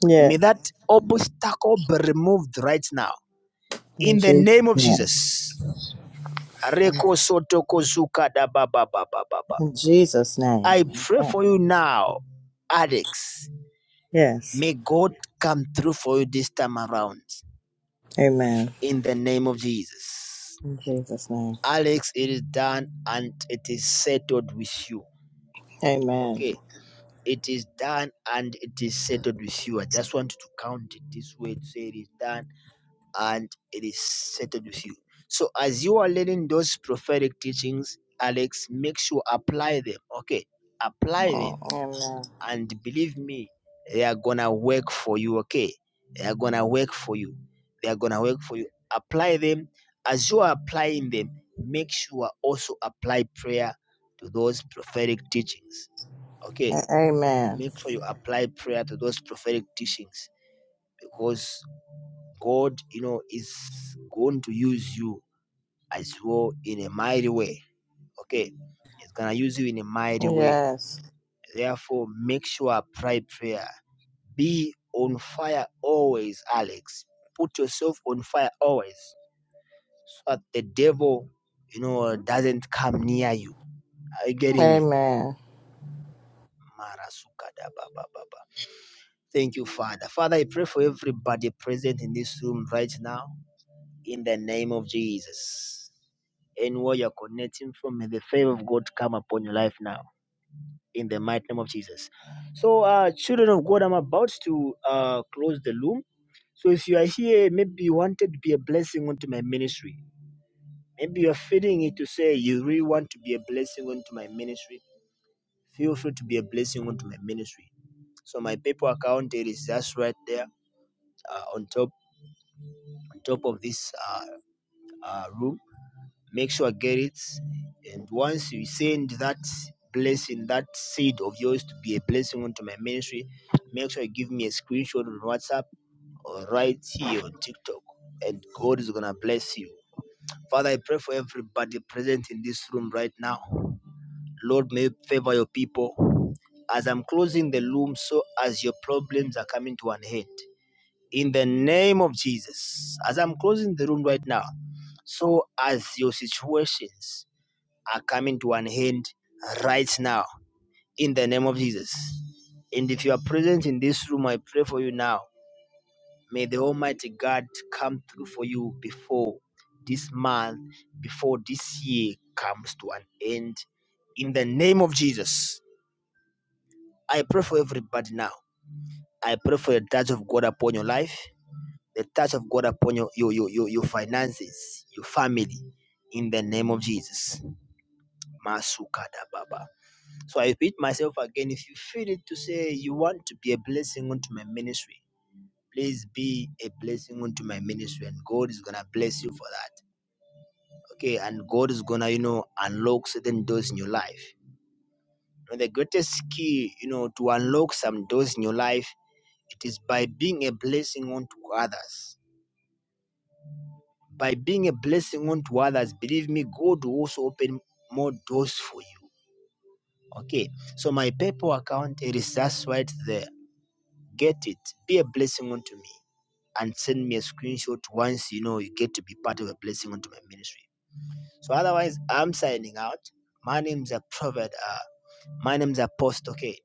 Speaker 7: Yeah.
Speaker 1: may that obstacle be removed right now.
Speaker 7: In
Speaker 1: In the
Speaker 7: Jesus'
Speaker 1: name of
Speaker 7: name.
Speaker 1: Jesus. Reko sotoko zuka da ba ba ba ba ba ba.
Speaker 7: In Jesus' name.
Speaker 1: I pray
Speaker 7: Amen.
Speaker 1: for you now, addicts.
Speaker 7: Yes.
Speaker 1: May God come through for you this time around.
Speaker 7: Amen.
Speaker 1: In the name of Jesus.
Speaker 7: In Jesus' name.
Speaker 1: Alex, it is done and it is settled with you.
Speaker 7: Amen.
Speaker 1: Okay. It is done and it is settled with you. I just want to count it this way to say it is done and it is settled with you. So as you are learning those prophetic teachings, Alex, make sure apply them. Okay. Apply them
Speaker 7: Amen.
Speaker 1: and believe me, they are gonna work for you. Okay, they are gonna work for you. They are gonna work for you. Apply them as you are applying them. Make sure also apply prayer to those prophetic teachings. Okay,
Speaker 7: A- Amen.
Speaker 1: make sure you apply prayer to those prophetic teachings because God, you know, is going to use you as well in a mighty way. Okay, He's gonna use you in a mighty way
Speaker 7: Yes.
Speaker 1: Therefore, make sure pray prayer. Be on fire always, Alex. Put yourself on fire always so that the devil, you know, doesn't come near you. Are you getting me?
Speaker 7: Amen.
Speaker 1: Thank you, Father. Father, I pray for everybody present in this room right now in the name of Jesus. Anywhere you're connecting from, may the favor of God come upon your life now in the mighty name of Jesus. So, uh, children of God, I'm about to uh, close the loom. So, if you are here, maybe you wanted to be a blessing onto my ministry. Maybe you're feeling it to say you really want to be a blessing onto my ministry. Feel free to be a blessing onto my ministry. So, my PayPal account it is just right there uh, on top on top of this uh, uh, room. make sure I get it and once you send that blessing that seed of yours to be a blessing onto my ministry make sure you give me a screenshot on whatsapp or right here on tiktok and god is gonna bless you father i pray for everybody present in this room right now lord may you favor your people as i'm closing the loom so as your problems are coming to an end in the name of jesus as i'm closing the room right now so as your situations are coming to an end right now in the name of Jesus. And if you are present in this room, I pray for you now. May the Almighty God come through for you before this month, before this year comes to an end in the name of Jesus. I pray for everybody now. I pray for the touch of God upon your life, the touch of God upon your your your, your, your finances, your family, in the name of Jesus. Masukada Baba. So I repeat myself again if you feel it to say you want to be a blessing unto my ministry, please be a blessing unto my ministry, and God is gonna bless you for that. Okay, and God is gonna, you know, unlock certain doors in your life. And the greatest key, you know, to unlock some doors in your life, it is by being a blessing unto others. By being a blessing unto others, believe me, God will also open more doors for you. Okay, so my PayPal account it is just right there Get it. Be a blessing unto me. And send me a screenshot once you know you get to be part of a blessing unto my ministry. So otherwise, I'm signing out. My name's a prophet. Uh, my name's Apostle. Okay.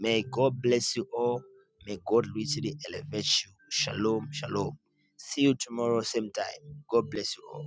Speaker 1: May God bless you all. May God richly elevate you. Shalom. Shalom. See you tomorrow, same time. God bless you all.